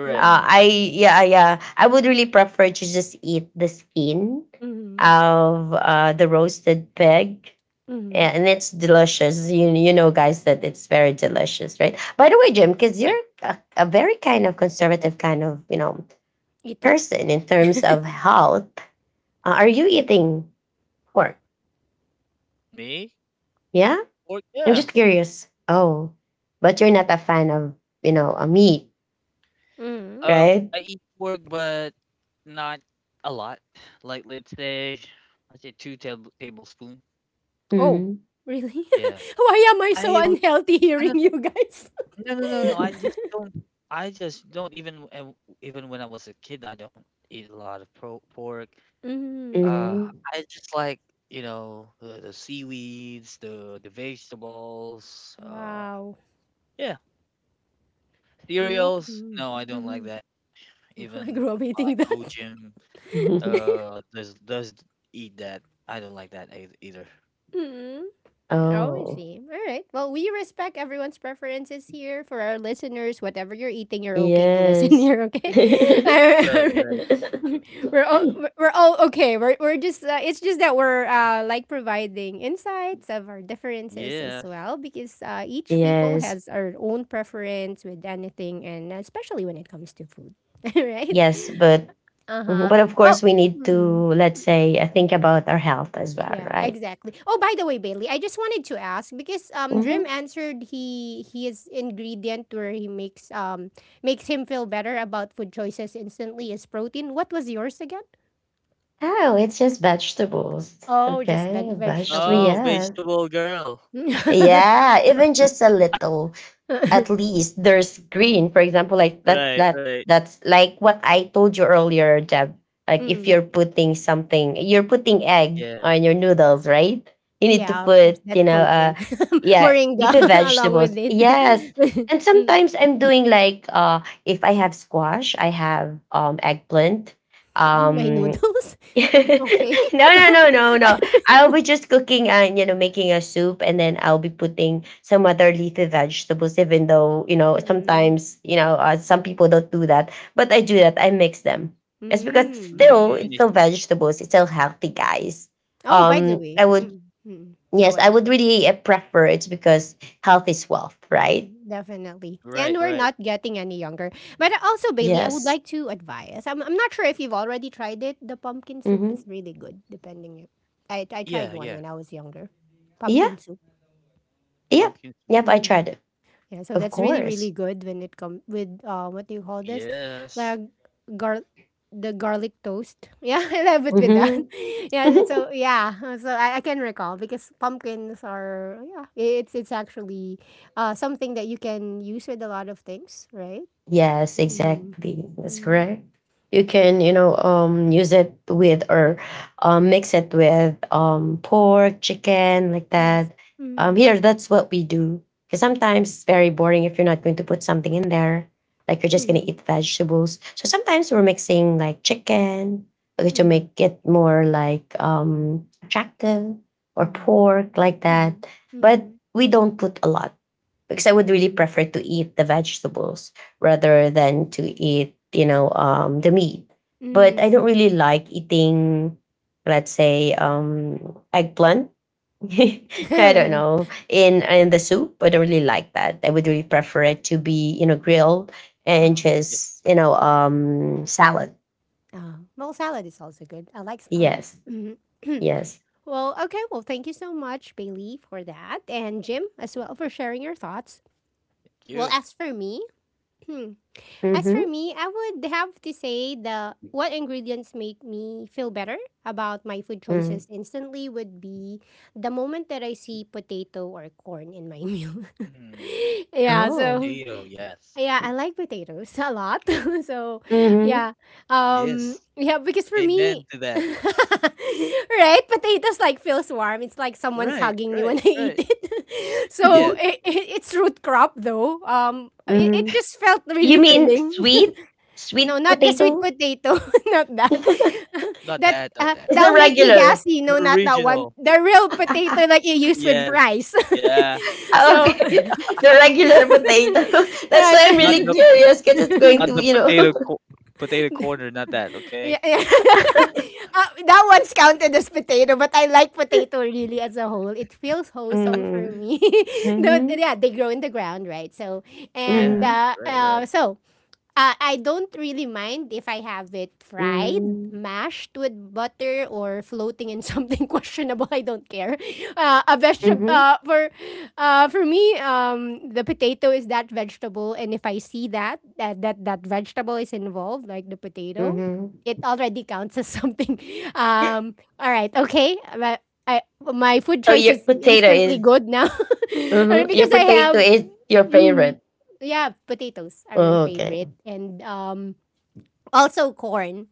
Speaker 3: Right.
Speaker 1: Mm,
Speaker 2: I yeah yeah. I would really prefer to just eat the skin
Speaker 1: mhm,
Speaker 2: of the roasted pig.
Speaker 1: mhm.
Speaker 2: Yeah, and it's delicious. You know, guys, that it's very delicious, right? By the way, Jim, because you're
Speaker 3: Right.
Speaker 2: a very kind of conservative kind of you know
Speaker 1: Eater?
Speaker 2: person in terms of health. Are you eating pork?
Speaker 3: Me?
Speaker 2: Yeah,
Speaker 3: Pork,
Speaker 2: I'm just
Speaker 3: yeah.
Speaker 2: curious. Oh, but you're not a fan of you know a meat,
Speaker 1: Mm.
Speaker 2: right?
Speaker 3: I eat pork, but not a lot. Like, let's say two tablespoon.
Speaker 1: Oh,
Speaker 2: Hmm.
Speaker 1: really?
Speaker 3: Yeah.
Speaker 1: Why am I so
Speaker 3: I w-
Speaker 1: unhealthy
Speaker 3: I
Speaker 1: hearing
Speaker 3: don't know.
Speaker 1: you guys?
Speaker 3: No, no, no, no. I just don't. I just don't even even when I was a kid, I don't eat a lot of pork.
Speaker 1: Mhm.
Speaker 3: Uh,
Speaker 2: Hmm.
Speaker 3: I just like, you know, the seaweeds, the vegetables.
Speaker 1: Wow.
Speaker 3: Yeah,
Speaker 1: Nope.
Speaker 3: cereals.
Speaker 1: Mhm.
Speaker 3: No, I don't like
Speaker 1: Mhm.
Speaker 3: that.
Speaker 1: I
Speaker 3: Even
Speaker 1: grew up eating
Speaker 3: like
Speaker 1: that.
Speaker 3: Gojim. Does eat that? I don't like that either.
Speaker 1: Mhm.
Speaker 3: Yeah.
Speaker 1: Oh, I
Speaker 2: Oh,
Speaker 1: see. All right. Well, we respect everyone's preferences here. For our listeners, whatever you're eating, you're okay to listen
Speaker 2: yes.
Speaker 1: here, okay? Alright,
Speaker 3: Right. Right.
Speaker 1: alright. We're all okay. We're just it's just that we're like providing insights of our differences as
Speaker 3: Yeah.
Speaker 1: well because each people
Speaker 2: yes.
Speaker 1: has our own preference with anything and especially when it comes to food. All right?
Speaker 2: Yes, but mhm,
Speaker 1: Uh-huh.
Speaker 2: but of
Speaker 1: Oh,
Speaker 2: course we need to let's say think about our health as well,
Speaker 1: yeah,
Speaker 2: right?
Speaker 1: exactly. Oh, by the way, Bailey, I just wanted to ask because
Speaker 2: Hmm.
Speaker 1: Dream answered he his ingredient where he makes makes him feel better about food choices instantly is protein. What was yours again?
Speaker 2: Oh, it's just vegetables.
Speaker 1: Oh, just
Speaker 2: Okay, vegetable.
Speaker 3: Oh,
Speaker 1: vegetables.
Speaker 2: Yeah,
Speaker 3: vegetable girl.
Speaker 2: yeah. Even just a little. At least there's green, for example, like that
Speaker 3: Right.
Speaker 2: that
Speaker 3: Right.
Speaker 2: that's like what I told you earlier, Jeb, like if
Speaker 1: Mm,
Speaker 2: you're putting something, you're putting egg
Speaker 3: Yeah.
Speaker 2: on your noodles, right? You need to
Speaker 1: yeah, of course,
Speaker 2: put you
Speaker 1: that's
Speaker 2: know
Speaker 1: protein.
Speaker 2: yeah,
Speaker 1: Moringa
Speaker 2: leafy
Speaker 1: along with
Speaker 2: vegetables,
Speaker 1: it.
Speaker 2: yes. And
Speaker 1: Mm,
Speaker 2: sometimes I'm doing like if I have squash, I have eggplant,
Speaker 1: in my
Speaker 2: um
Speaker 1: noodles.
Speaker 2: no,
Speaker 1: Okay.
Speaker 2: no. I'll be just cooking and you know making a soup, and then I'll be putting some other leafy vegetables. Even though you know
Speaker 1: Mm,
Speaker 2: sometimes you know some people don't do that, but I do that. I mix them. It's because
Speaker 1: mm.
Speaker 2: still it's
Speaker 3: Mm, I
Speaker 2: still
Speaker 3: see.
Speaker 2: vegetables. It's still healthy, guys.
Speaker 1: Oh, by the
Speaker 2: I
Speaker 1: way,
Speaker 3: Yes.
Speaker 2: would
Speaker 1: mm, mm. Go
Speaker 2: yes, I
Speaker 1: ahead.
Speaker 2: would really prefer, it's because health is wealth, right?
Speaker 1: Definitely. And
Speaker 3: Right.
Speaker 1: we're not
Speaker 3: Right.
Speaker 1: getting any younger. But also, Bailey, I would
Speaker 2: Yes.
Speaker 1: like to advise. I'm not sure if you've already tried it. The pumpkin soup is
Speaker 2: Mm-hmm.
Speaker 1: really good, depending. If, I tried
Speaker 3: Yeah.
Speaker 1: one when
Speaker 3: Yeah.
Speaker 1: I was younger.
Speaker 2: Yeah.
Speaker 1: Pumpkin soup.
Speaker 2: Yeah.
Speaker 3: Pumpkin soup.
Speaker 2: Yep. I
Speaker 1: Mm-hmm.
Speaker 2: tried it.
Speaker 1: Yeah, so
Speaker 2: Of
Speaker 1: that's really really
Speaker 2: course.
Speaker 1: good when it comes with what do you call this?
Speaker 3: Yes.
Speaker 1: Like gar the garlic toast. Yeah, I love it with that.
Speaker 2: Mm-hmm.
Speaker 1: Yeah, so yeah, so I can recall because pumpkins are yeah, it's actually something that you can use with a lot of things, right?
Speaker 2: Yes,
Speaker 1: Mm-hmm.
Speaker 2: exactly. That's
Speaker 1: Mm-hmm.
Speaker 2: correct. You can, you know, use it with or mix it with pork, chicken, like
Speaker 1: Yes.
Speaker 2: that.
Speaker 1: Mm-hmm.
Speaker 2: Here, that's what we do. Because sometimes it's very boring if you're not going to put something in there. Like you're just gonna
Speaker 1: Mm-hmm.
Speaker 2: eat vegetables. So sometimes we're mixing like chicken, okay, to
Speaker 1: Mm-hmm.
Speaker 2: make it more like attractive or
Speaker 1: Mm-hmm.
Speaker 2: pork like that. But
Speaker 1: Mm-hmm.
Speaker 2: we don't put a lot because I would really
Speaker 1: Mm-hmm.
Speaker 2: prefer to eat the vegetables rather than to eat, you know, the meat. But I don't
Speaker 1: Mm-hmm.
Speaker 2: really like eating, let's say, eggplant. I don't
Speaker 3: Mm,
Speaker 2: know in the soup. I don't really like that. I would really prefer it to be, you know, grilled and
Speaker 1: Oh,
Speaker 3: yeah.
Speaker 2: just, you know, salad.
Speaker 1: oh. Well, salad is also good. I like
Speaker 2: Yes,
Speaker 1: salads. Mhm.
Speaker 2: yes.
Speaker 1: Well, okay. Well, thank you so much, Bailey, for that. And Jim as well for sharing your thoughts.
Speaker 3: Thank
Speaker 1: Well,
Speaker 3: you.
Speaker 1: as for me, hmm, as
Speaker 2: Mm-hmm.
Speaker 1: for me, I would have to say the what ingredients make me feel better about my food
Speaker 2: Mm.
Speaker 1: choices instantly would be the moment that I see potato or corn in my meal.
Speaker 3: Mm,
Speaker 1: yeah,
Speaker 2: Oh.
Speaker 1: so
Speaker 3: Theo. Yes.
Speaker 1: yeah, I like potatoes a lot. so,
Speaker 2: Mm-hmm.
Speaker 1: yeah.
Speaker 3: Yes.
Speaker 1: Yeah, because for me
Speaker 3: Amen to that.
Speaker 1: right, potatoes like feels warm. It's like someone's
Speaker 3: Right.
Speaker 1: hugging me when
Speaker 3: Right.
Speaker 1: I eat
Speaker 3: Right.
Speaker 1: it.
Speaker 3: Yeah.
Speaker 1: It's root crop though. It
Speaker 2: Mm-hmm.
Speaker 1: just felt
Speaker 2: You
Speaker 1: really
Speaker 2: mean
Speaker 1: filling.
Speaker 2: sweet,
Speaker 1: No,
Speaker 2: sweet
Speaker 1: not the sweet
Speaker 2: potato?
Speaker 1: potato. Not that.
Speaker 3: Not
Speaker 1: That
Speaker 3: that. Not
Speaker 2: It's
Speaker 3: that.
Speaker 2: the
Speaker 1: that'll make me
Speaker 2: regular.
Speaker 1: gassy. No,
Speaker 3: The
Speaker 1: not that one.
Speaker 3: original.
Speaker 1: The real potato like you use with
Speaker 3: Yes.
Speaker 1: fries.
Speaker 3: Yeah.
Speaker 1: so,
Speaker 2: okay, the regular potato. That's why
Speaker 1: right.
Speaker 2: I'm
Speaker 3: Not
Speaker 2: really
Speaker 3: the,
Speaker 2: curious because it's going
Speaker 3: not
Speaker 2: to,
Speaker 3: the
Speaker 2: you
Speaker 3: potato
Speaker 2: know.
Speaker 3: potato corner, not that,
Speaker 1: Yeah,
Speaker 3: okay?
Speaker 1: yeah. That one's counted as potato, but I like potato really as a whole. It feels wholesome for
Speaker 2: Mm.
Speaker 1: me. The
Speaker 2: Mhm.
Speaker 1: yeah, they grow in the ground, right? So and
Speaker 3: Yeah,
Speaker 2: Mhm.
Speaker 1: uh,
Speaker 3: right,
Speaker 1: uh,
Speaker 3: right.
Speaker 1: so uh, I don't really mind if I have it fried,
Speaker 2: Mhm.
Speaker 1: mashed with butter, or floating in something questionable. I don't care. A vegetable
Speaker 2: Mhm.
Speaker 3: Mm,
Speaker 1: for me, the potato is that vegetable, and if I see that that vegetable is involved, like the potato,
Speaker 2: Mhm.
Speaker 1: it already counts as something. All right, okay. But I my food
Speaker 2: So
Speaker 1: choice
Speaker 2: your
Speaker 1: is
Speaker 2: potato
Speaker 1: instantly
Speaker 2: is,
Speaker 1: good now,
Speaker 2: mhm, your
Speaker 1: because I
Speaker 2: potato
Speaker 1: have.
Speaker 2: is your
Speaker 1: Mm
Speaker 2: favorite.
Speaker 1: yeah, potatoes are my
Speaker 2: Oh, okay.
Speaker 1: favorite, and also corn.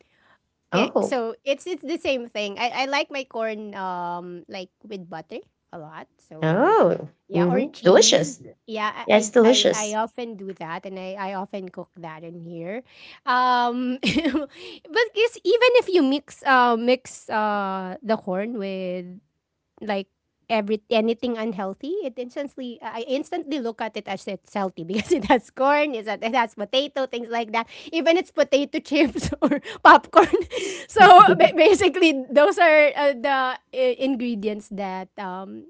Speaker 2: Oh.
Speaker 1: It's the same thing. I like my corn like with butter a lot. So
Speaker 2: Oh.
Speaker 1: yeah, or
Speaker 2: Mhm.
Speaker 1: cheese.
Speaker 2: Delicious.
Speaker 1: Yeah,
Speaker 2: Yeah, it's
Speaker 1: I
Speaker 2: delicious.
Speaker 1: often do that, and I often cook that in here. But guess even if you mix the corn with like every anything unhealthy, it instantly I instantly look at it as it's healthy because it has corn, it has potato, things like that. Even it's potato chips or popcorn. So basically, those are the ingredients that um,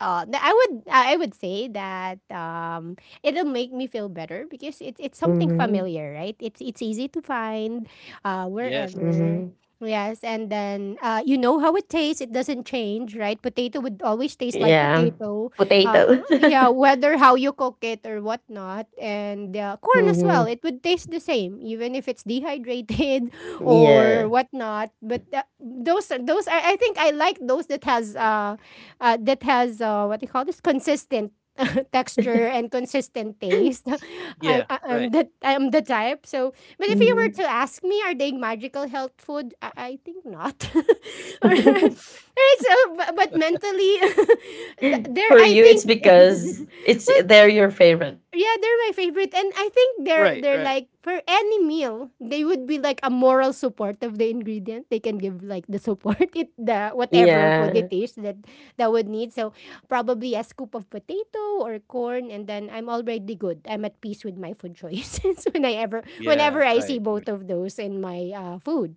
Speaker 1: uh, th- I would say that it'll make me feel better because it's something
Speaker 2: Mhm.
Speaker 1: familiar, right? It's easy to find
Speaker 3: yes,
Speaker 1: wherever.
Speaker 2: Mhm.
Speaker 1: Yes, and then you know how it tastes. It doesn't change, right? Potato would always taste like
Speaker 2: Yeah.
Speaker 1: potato. Uh,
Speaker 2: Potato.
Speaker 1: yeah, whether how you cook it or whatnot, and corn as well.
Speaker 2: Mhm.
Speaker 1: It would taste the same, even if it's dehydrated or
Speaker 2: Yeah.
Speaker 1: whatnot. But those are those. I think I like those that has what do you call this consistent texture and consistent taste.
Speaker 3: yeah, right,
Speaker 1: I'm the type. So, but if you were
Speaker 2: Mhm.
Speaker 1: to ask me, are they magical health food? I think not. Alright, so, but mentally, there
Speaker 2: For
Speaker 1: I
Speaker 2: you, it's
Speaker 1: think.
Speaker 2: because it's
Speaker 1: Well,
Speaker 2: they're your favorite.
Speaker 1: yeah, they're my favorite, and I think
Speaker 3: right,
Speaker 1: they're
Speaker 3: right.
Speaker 1: like for any meal they would be like a moral support of the ingredient. They can give like the support it the whatever food it
Speaker 2: Yeah,
Speaker 1: is that that would need. So probably a scoop of potato or corn, and then I'm already good. I'm at peace with my food choices whenever
Speaker 3: Yeah,
Speaker 1: I see
Speaker 3: right,
Speaker 1: both
Speaker 3: right.
Speaker 1: of those in my food.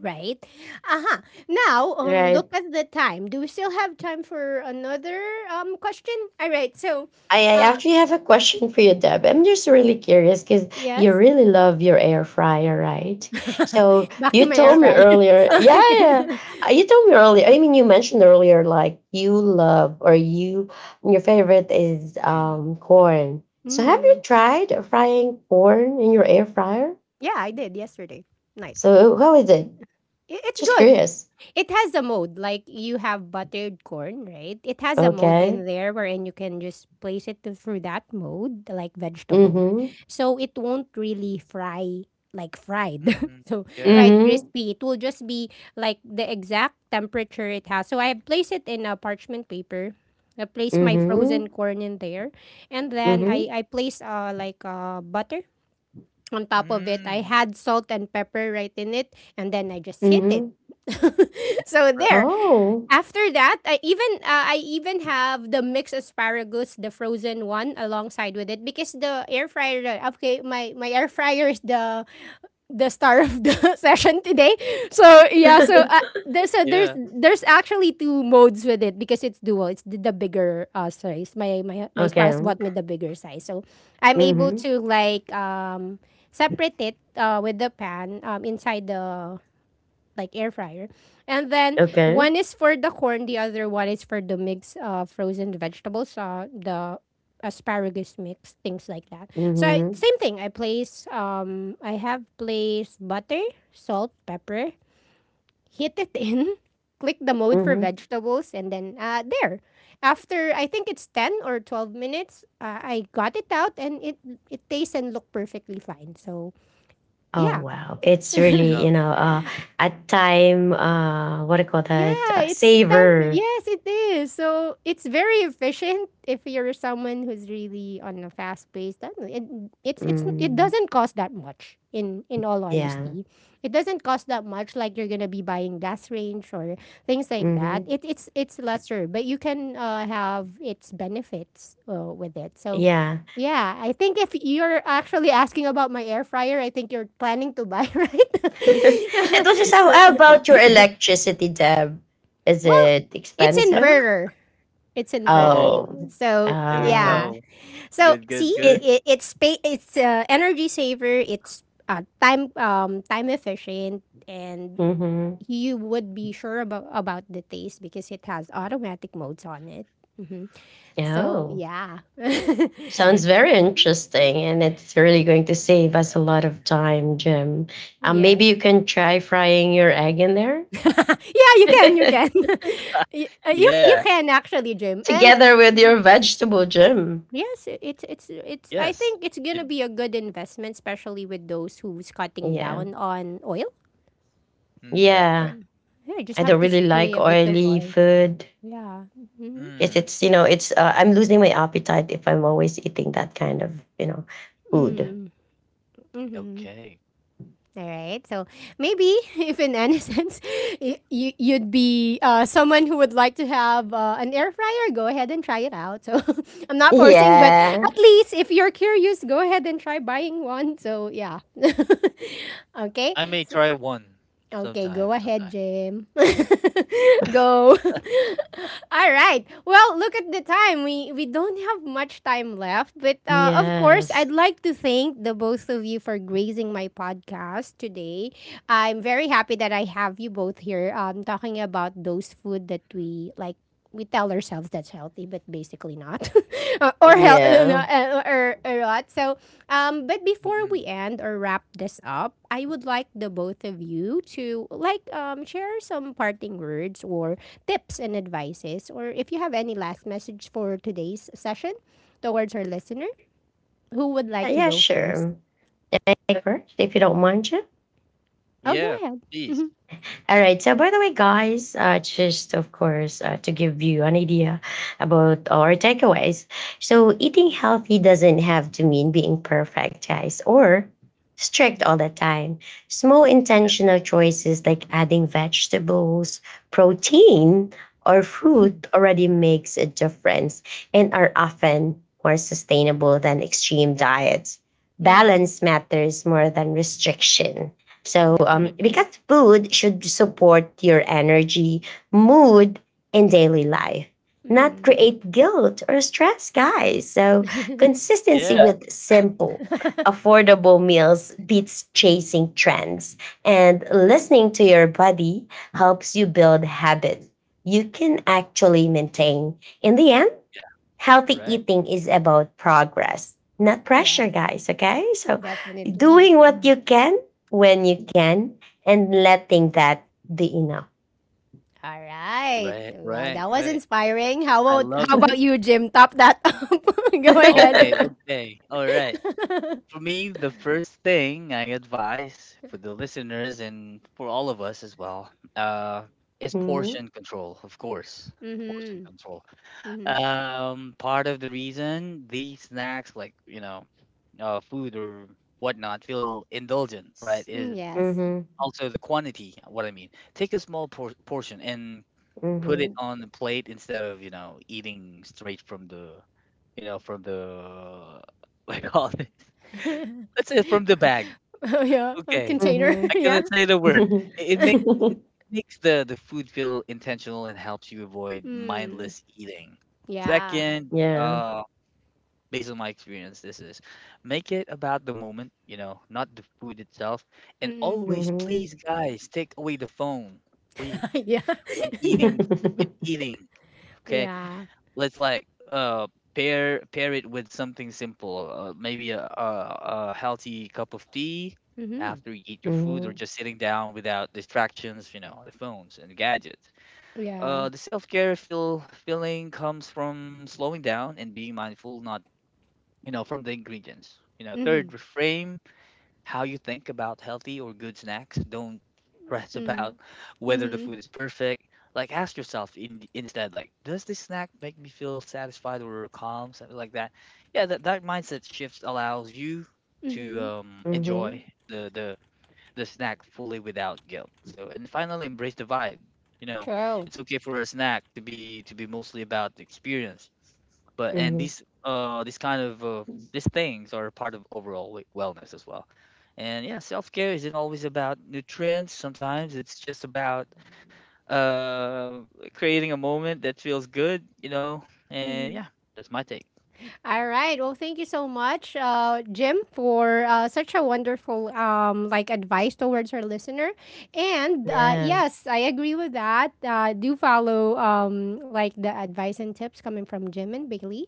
Speaker 1: Right. Uh-huh. Now,
Speaker 2: right.
Speaker 1: look at the time. Do we still have time for another question? All right. So,
Speaker 2: I
Speaker 1: uh,
Speaker 2: actually have a question for you, Deb. I'm just really curious because you
Speaker 1: yes.
Speaker 2: really love your air fryer, right? So
Speaker 1: Back to
Speaker 2: you
Speaker 1: my air
Speaker 2: told me
Speaker 1: fryer.
Speaker 2: earlier, yeah,
Speaker 1: Okay.
Speaker 2: yeah. You told me earlier. I mean, you mentioned earlier, like you love or you your favorite is
Speaker 3: Mm,
Speaker 2: corn. So have you
Speaker 1: Mm.
Speaker 2: tried frying corn in your air fryer?
Speaker 1: Yeah, I did yesterday night.
Speaker 2: So how is it?
Speaker 1: It's
Speaker 2: Just
Speaker 1: good.
Speaker 2: curious.
Speaker 1: It has a mode, like you have buttered corn, right? It has a mode
Speaker 2: Okay.
Speaker 1: in there wherein you can just place through that mode, like vegetable.
Speaker 2: Mhm.
Speaker 1: So it won't really fry like fried.
Speaker 3: mm,
Speaker 1: So
Speaker 3: yeah.
Speaker 1: fried
Speaker 2: Mhm.
Speaker 1: crispy. It will just be like the exact temperature it has. So I place it in a parchment paper. I place my frozen
Speaker 2: Mhm.
Speaker 1: corn in there, and then
Speaker 2: Mhm.
Speaker 1: I place like butter on top of it, I
Speaker 3: Mm,
Speaker 1: had salt and pepper right in it, and then I just hit it.
Speaker 2: Mhm.
Speaker 3: yeah,
Speaker 1: So
Speaker 3: right.
Speaker 1: there.
Speaker 2: Oh.
Speaker 1: After that, I even have the mixed asparagus, the frozen one, alongside with it because the air fryer. Okay, my air fryer is the star of the session today. So yeah, so there's a, there's
Speaker 3: Yeah,
Speaker 1: there's actually two modes with it because it's dual. It's the bigger size. My
Speaker 2: Okay.
Speaker 1: spouse bought me the bigger size, so I'm able
Speaker 2: Mhm.
Speaker 1: to like separate it with the pan inside the like air fryer. And then
Speaker 2: Okay.
Speaker 1: one is for the corn, the other one is for the mix of frozen vegetables, the asparagus mix, things like that. So
Speaker 2: Mhm.
Speaker 1: same thing. I have placed butter, salt, pepper, hit it in, click the mode for
Speaker 2: Mhm.
Speaker 1: vegetables, and then there. After I think it's 10 or 12 minutes, I got it out and it tastes and look perfectly fine. So
Speaker 2: Oh
Speaker 1: yeah,
Speaker 2: wow. It's
Speaker 3: good
Speaker 2: really, you
Speaker 3: job,
Speaker 2: know,
Speaker 3: good job.
Speaker 2: at time what do you call that?
Speaker 1: yeah, it's time.
Speaker 2: Savor.
Speaker 1: Yes, it is. So it's very efficient if you're someone who's really on a fast pace. That it, it's it
Speaker 2: Mm,
Speaker 1: doesn't cost that much. In all
Speaker 2: yeah.
Speaker 1: honesty, it doesn't cost that much. Like you're gonna be buying gas range or things like that.
Speaker 2: Mhm.
Speaker 1: It's lesser, but you can have its benefits with it. So
Speaker 2: Yeah.
Speaker 1: yeah, I think if you're actually asking about my air fryer, I think you're planning to buy, right?
Speaker 2: it was just
Speaker 3: Yeah,
Speaker 2: how
Speaker 3: yeah.
Speaker 2: about your electricity, Deb? Is
Speaker 1: Well,
Speaker 2: it
Speaker 1: it's
Speaker 2: expensive?
Speaker 1: inverter. It's inverter.
Speaker 3: Oh,
Speaker 2: Oh.
Speaker 1: So
Speaker 3: there we
Speaker 2: Uh
Speaker 1: yeah.
Speaker 3: go.
Speaker 1: So
Speaker 3: Good, good,
Speaker 1: see,
Speaker 3: good.
Speaker 2: it
Speaker 1: it's energy saver. It's time efficient, and
Speaker 2: mhm.
Speaker 1: you would be sure about the taste because it has automatic modes on it. Hmm. So
Speaker 2: Oh.
Speaker 1: yeah.
Speaker 2: Sounds very interesting, and it's really going to save us a lot of time, Jim. Maybe
Speaker 1: Yes.
Speaker 2: you can try frying your egg in there
Speaker 1: Yeah, you can, you can. You you
Speaker 3: Yeah,
Speaker 1: can actually, Jim. And
Speaker 2: together with your vegetable, Jim.
Speaker 1: yes, it's I
Speaker 3: yes.
Speaker 1: think it's gonna
Speaker 3: It,
Speaker 1: be a good investment, especially with those who's cutting
Speaker 2: Yeah,
Speaker 1: down on oil.
Speaker 3: mm, yeah,
Speaker 2: yeah.
Speaker 3: right.
Speaker 1: Yeah, just
Speaker 2: I
Speaker 1: have
Speaker 2: don't
Speaker 1: to
Speaker 2: really
Speaker 1: spray
Speaker 2: like
Speaker 1: a bit of
Speaker 2: oily
Speaker 1: oil.
Speaker 2: food
Speaker 1: Yeah. Mm-hmm.
Speaker 2: because
Speaker 3: Mm,
Speaker 2: it's you know it's I'm losing my appetite if I'm always eating that kind of you know food.
Speaker 1: Mm. Mm-hmm.
Speaker 3: okay.
Speaker 1: All right. So maybe if in any sense you you'd be someone who would like to have an air fryer, go ahead and try it out. So I'm not forcing, but
Speaker 2: Yeah.
Speaker 1: at least if you're curious, go ahead and try buying one. So yeah. Okay.
Speaker 3: I may
Speaker 1: So
Speaker 3: try one
Speaker 1: okay, go
Speaker 3: sometime,
Speaker 1: ahead,
Speaker 3: sometime.
Speaker 1: Jim. Go. All right. Well, look at the time. We don't have much time left, but of course,
Speaker 2: Yes.
Speaker 1: I'd like to thank the both of you for gracing my podcast today. I'm very happy that I have you both here talking about those food that we like we tell ourselves that's healthy, but basically not.
Speaker 2: Yeah.
Speaker 1: Or what. So, but before
Speaker 3: Mm-mm.
Speaker 1: we end or wrap this up, I would like the both of you to like share some parting words or tips and advices, or if you have any last message for today's session towards our listener, who would like to
Speaker 2: Yeah.
Speaker 1: go first?
Speaker 2: Sure. Take first, if you don't mind, Jim.
Speaker 1: Oh, go
Speaker 3: Yeah,
Speaker 1: ahead.
Speaker 3: please.
Speaker 1: Mm-hmm.
Speaker 2: All right. So, by the way, guys, just of course to give you an idea about our takeaways. So, eating healthy doesn't have to mean being perfect, guys, or strict
Speaker 1: Mm-hmm.
Speaker 2: all the time. Small
Speaker 3: Yeah,
Speaker 2: intentional choices like adding vegetables, protein, or fruit already makes a difference and are often more sustainable than extreme diets.
Speaker 1: Mm.
Speaker 2: Balance matters more than restriction. So,
Speaker 3: yeah,
Speaker 1: Definitely.
Speaker 2: because food should support your energy, mood, and daily life, not
Speaker 1: Mm.
Speaker 2: create guilt or stress, guys. So, consistency
Speaker 3: yeah,
Speaker 2: with simple, affordable meals beats chasing trends. And listening to your body helps you build habits you can actually maintain. In the end,
Speaker 3: yeah,
Speaker 2: healthy
Speaker 3: right.
Speaker 2: eating is about progress, not pressure,
Speaker 1: Yes,
Speaker 2: guys. Okay. So
Speaker 1: definitely.
Speaker 2: doing what you can when you can and letting that be enough.
Speaker 1: All right.
Speaker 3: Right,
Speaker 1: Well,
Speaker 3: right,
Speaker 1: that was
Speaker 3: right.
Speaker 1: inspiring.
Speaker 3: I love
Speaker 1: How
Speaker 3: that.
Speaker 2: Mm-hmm.
Speaker 1: about you, Jim? Top that up. Go ahead.
Speaker 3: Okay, okay. All right. For me, the first thing I advise for the listeners and for all of us as well, is portion control, of course. Portion
Speaker 1: Mm-hmm.
Speaker 3: control.
Speaker 1: Mm-hmm.
Speaker 3: Part of the reason these snacks, like, you know, food or whatnot, feel indulgent, right,
Speaker 1: Mm,
Speaker 3: is
Speaker 1: yes.
Speaker 2: Mm-hmm.
Speaker 3: also the quantity, what I mean. Take a small portion and put
Speaker 2: Mm-hmm.
Speaker 3: it on the plate, instead of, you know, eating straight from the, you know, from the what do you call it,
Speaker 1: Oh
Speaker 3: let's say, from the bag.
Speaker 1: yeah. A
Speaker 3: Okay,
Speaker 1: container.
Speaker 3: I
Speaker 1: Yeah.
Speaker 3: cannot say the word. It
Speaker 2: Mm-hmm.
Speaker 3: makes the food feel intentional and helps you avoid
Speaker 1: Mm.
Speaker 3: mindless eating.
Speaker 1: Yeah.
Speaker 3: Second,
Speaker 2: yeah.
Speaker 3: uh based on my experience, this is, make it about the moment, you know, not the food itself. And
Speaker 1: Mm.
Speaker 3: always,
Speaker 2: Mm-hmm.
Speaker 3: please guys, take away the phone, please,
Speaker 1: Yeah.
Speaker 3: when
Speaker 1: Yeah.
Speaker 3: eating. When eating, okay,
Speaker 1: Yeah.
Speaker 3: let's like, pair it with something simple, maybe a healthy cup of tea
Speaker 1: Mm-hmm.
Speaker 3: after you eat your food, or
Speaker 2: Mm-hmm.
Speaker 3: just sitting down without distractions, you know, the phones and gadgets.
Speaker 1: Yeah.
Speaker 3: Uh, the self-care feeling comes from slowing down and being mindful, not, you know, from the ingredients, you know. Third,
Speaker 1: Mm-hmm.
Speaker 3: reframe how you think about healthy or good snacks. Don't stress
Speaker 1: Mm-hmm.
Speaker 3: about whether the
Speaker 1: Mm-hmm.
Speaker 3: food is perfect. Like, ask yourself instead, like, does this snack make me feel satisfied or calm, something like that. Yeah, that that mindset shifts allows you to,
Speaker 1: Mm-hmm.
Speaker 2: Mm-hmm.
Speaker 3: enjoy the the snack fully without guilt. So, and finally, embrace the vibe. You know,
Speaker 1: True.
Speaker 3: it's okay for a snack to be, to be mostly about the experience. But and
Speaker 2: Mm-hmm.
Speaker 3: these, these kind of, these things are part of overall wellness as well. And yeah, self-care isn't always about nutrients. Sometimes it's just about, uh creating a moment that feels good, you know. And
Speaker 1: Mm-hmm.
Speaker 3: yeah, that's my take.
Speaker 1: All right. Well, thank you so much, Jim, for such a wonderful like advice towards our listener. And
Speaker 2: Yeah.
Speaker 1: yes, I agree with that. Do follow like the advice and tips coming from Jim and Bailey.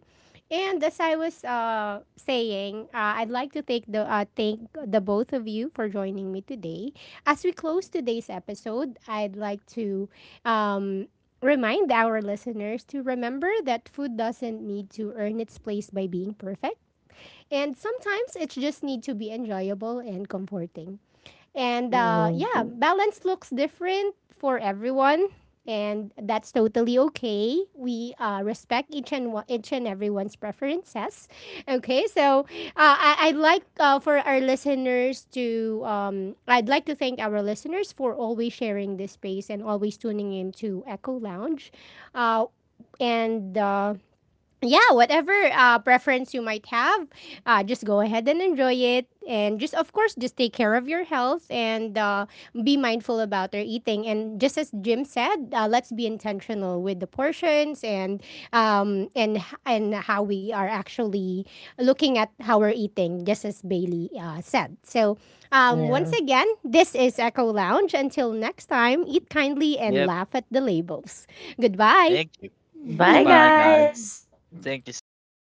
Speaker 1: And as I was saying, I'd like to thank the both of you for joining me today. As we close today's episode, I'd like to um, remind our listeners to remember that food doesn't need to earn its place by being perfect. And sometimes it just needs to be enjoyable and comforting. And yeah,
Speaker 2: Mm-hmm.
Speaker 1: balance looks different for everyone, and that's totally okay. We respect each and everyone's preferences. Okay, so I'd like for our listeners to, I'd like to thank our listeners for always sharing this space and always tuning in to Echo Lounge. Uh, and yeah, whatever preference you might have, just go ahead and enjoy it. And just, of course, just take care of your health and be mindful about your eating. And just as Jim said, let's be intentional with the portions um, and and how we are actually looking at how we're eating, just as Bailey said. So, once
Speaker 2: Yeah.
Speaker 1: again, this is Echo Lounge. Until next time, eat kindly and
Speaker 3: Yep.
Speaker 1: laugh at the labels. Goodbye.
Speaker 3: Thank you.
Speaker 2: Bye,
Speaker 3: Bye-bye, guys.
Speaker 2: guys.
Speaker 3: Thank you so much.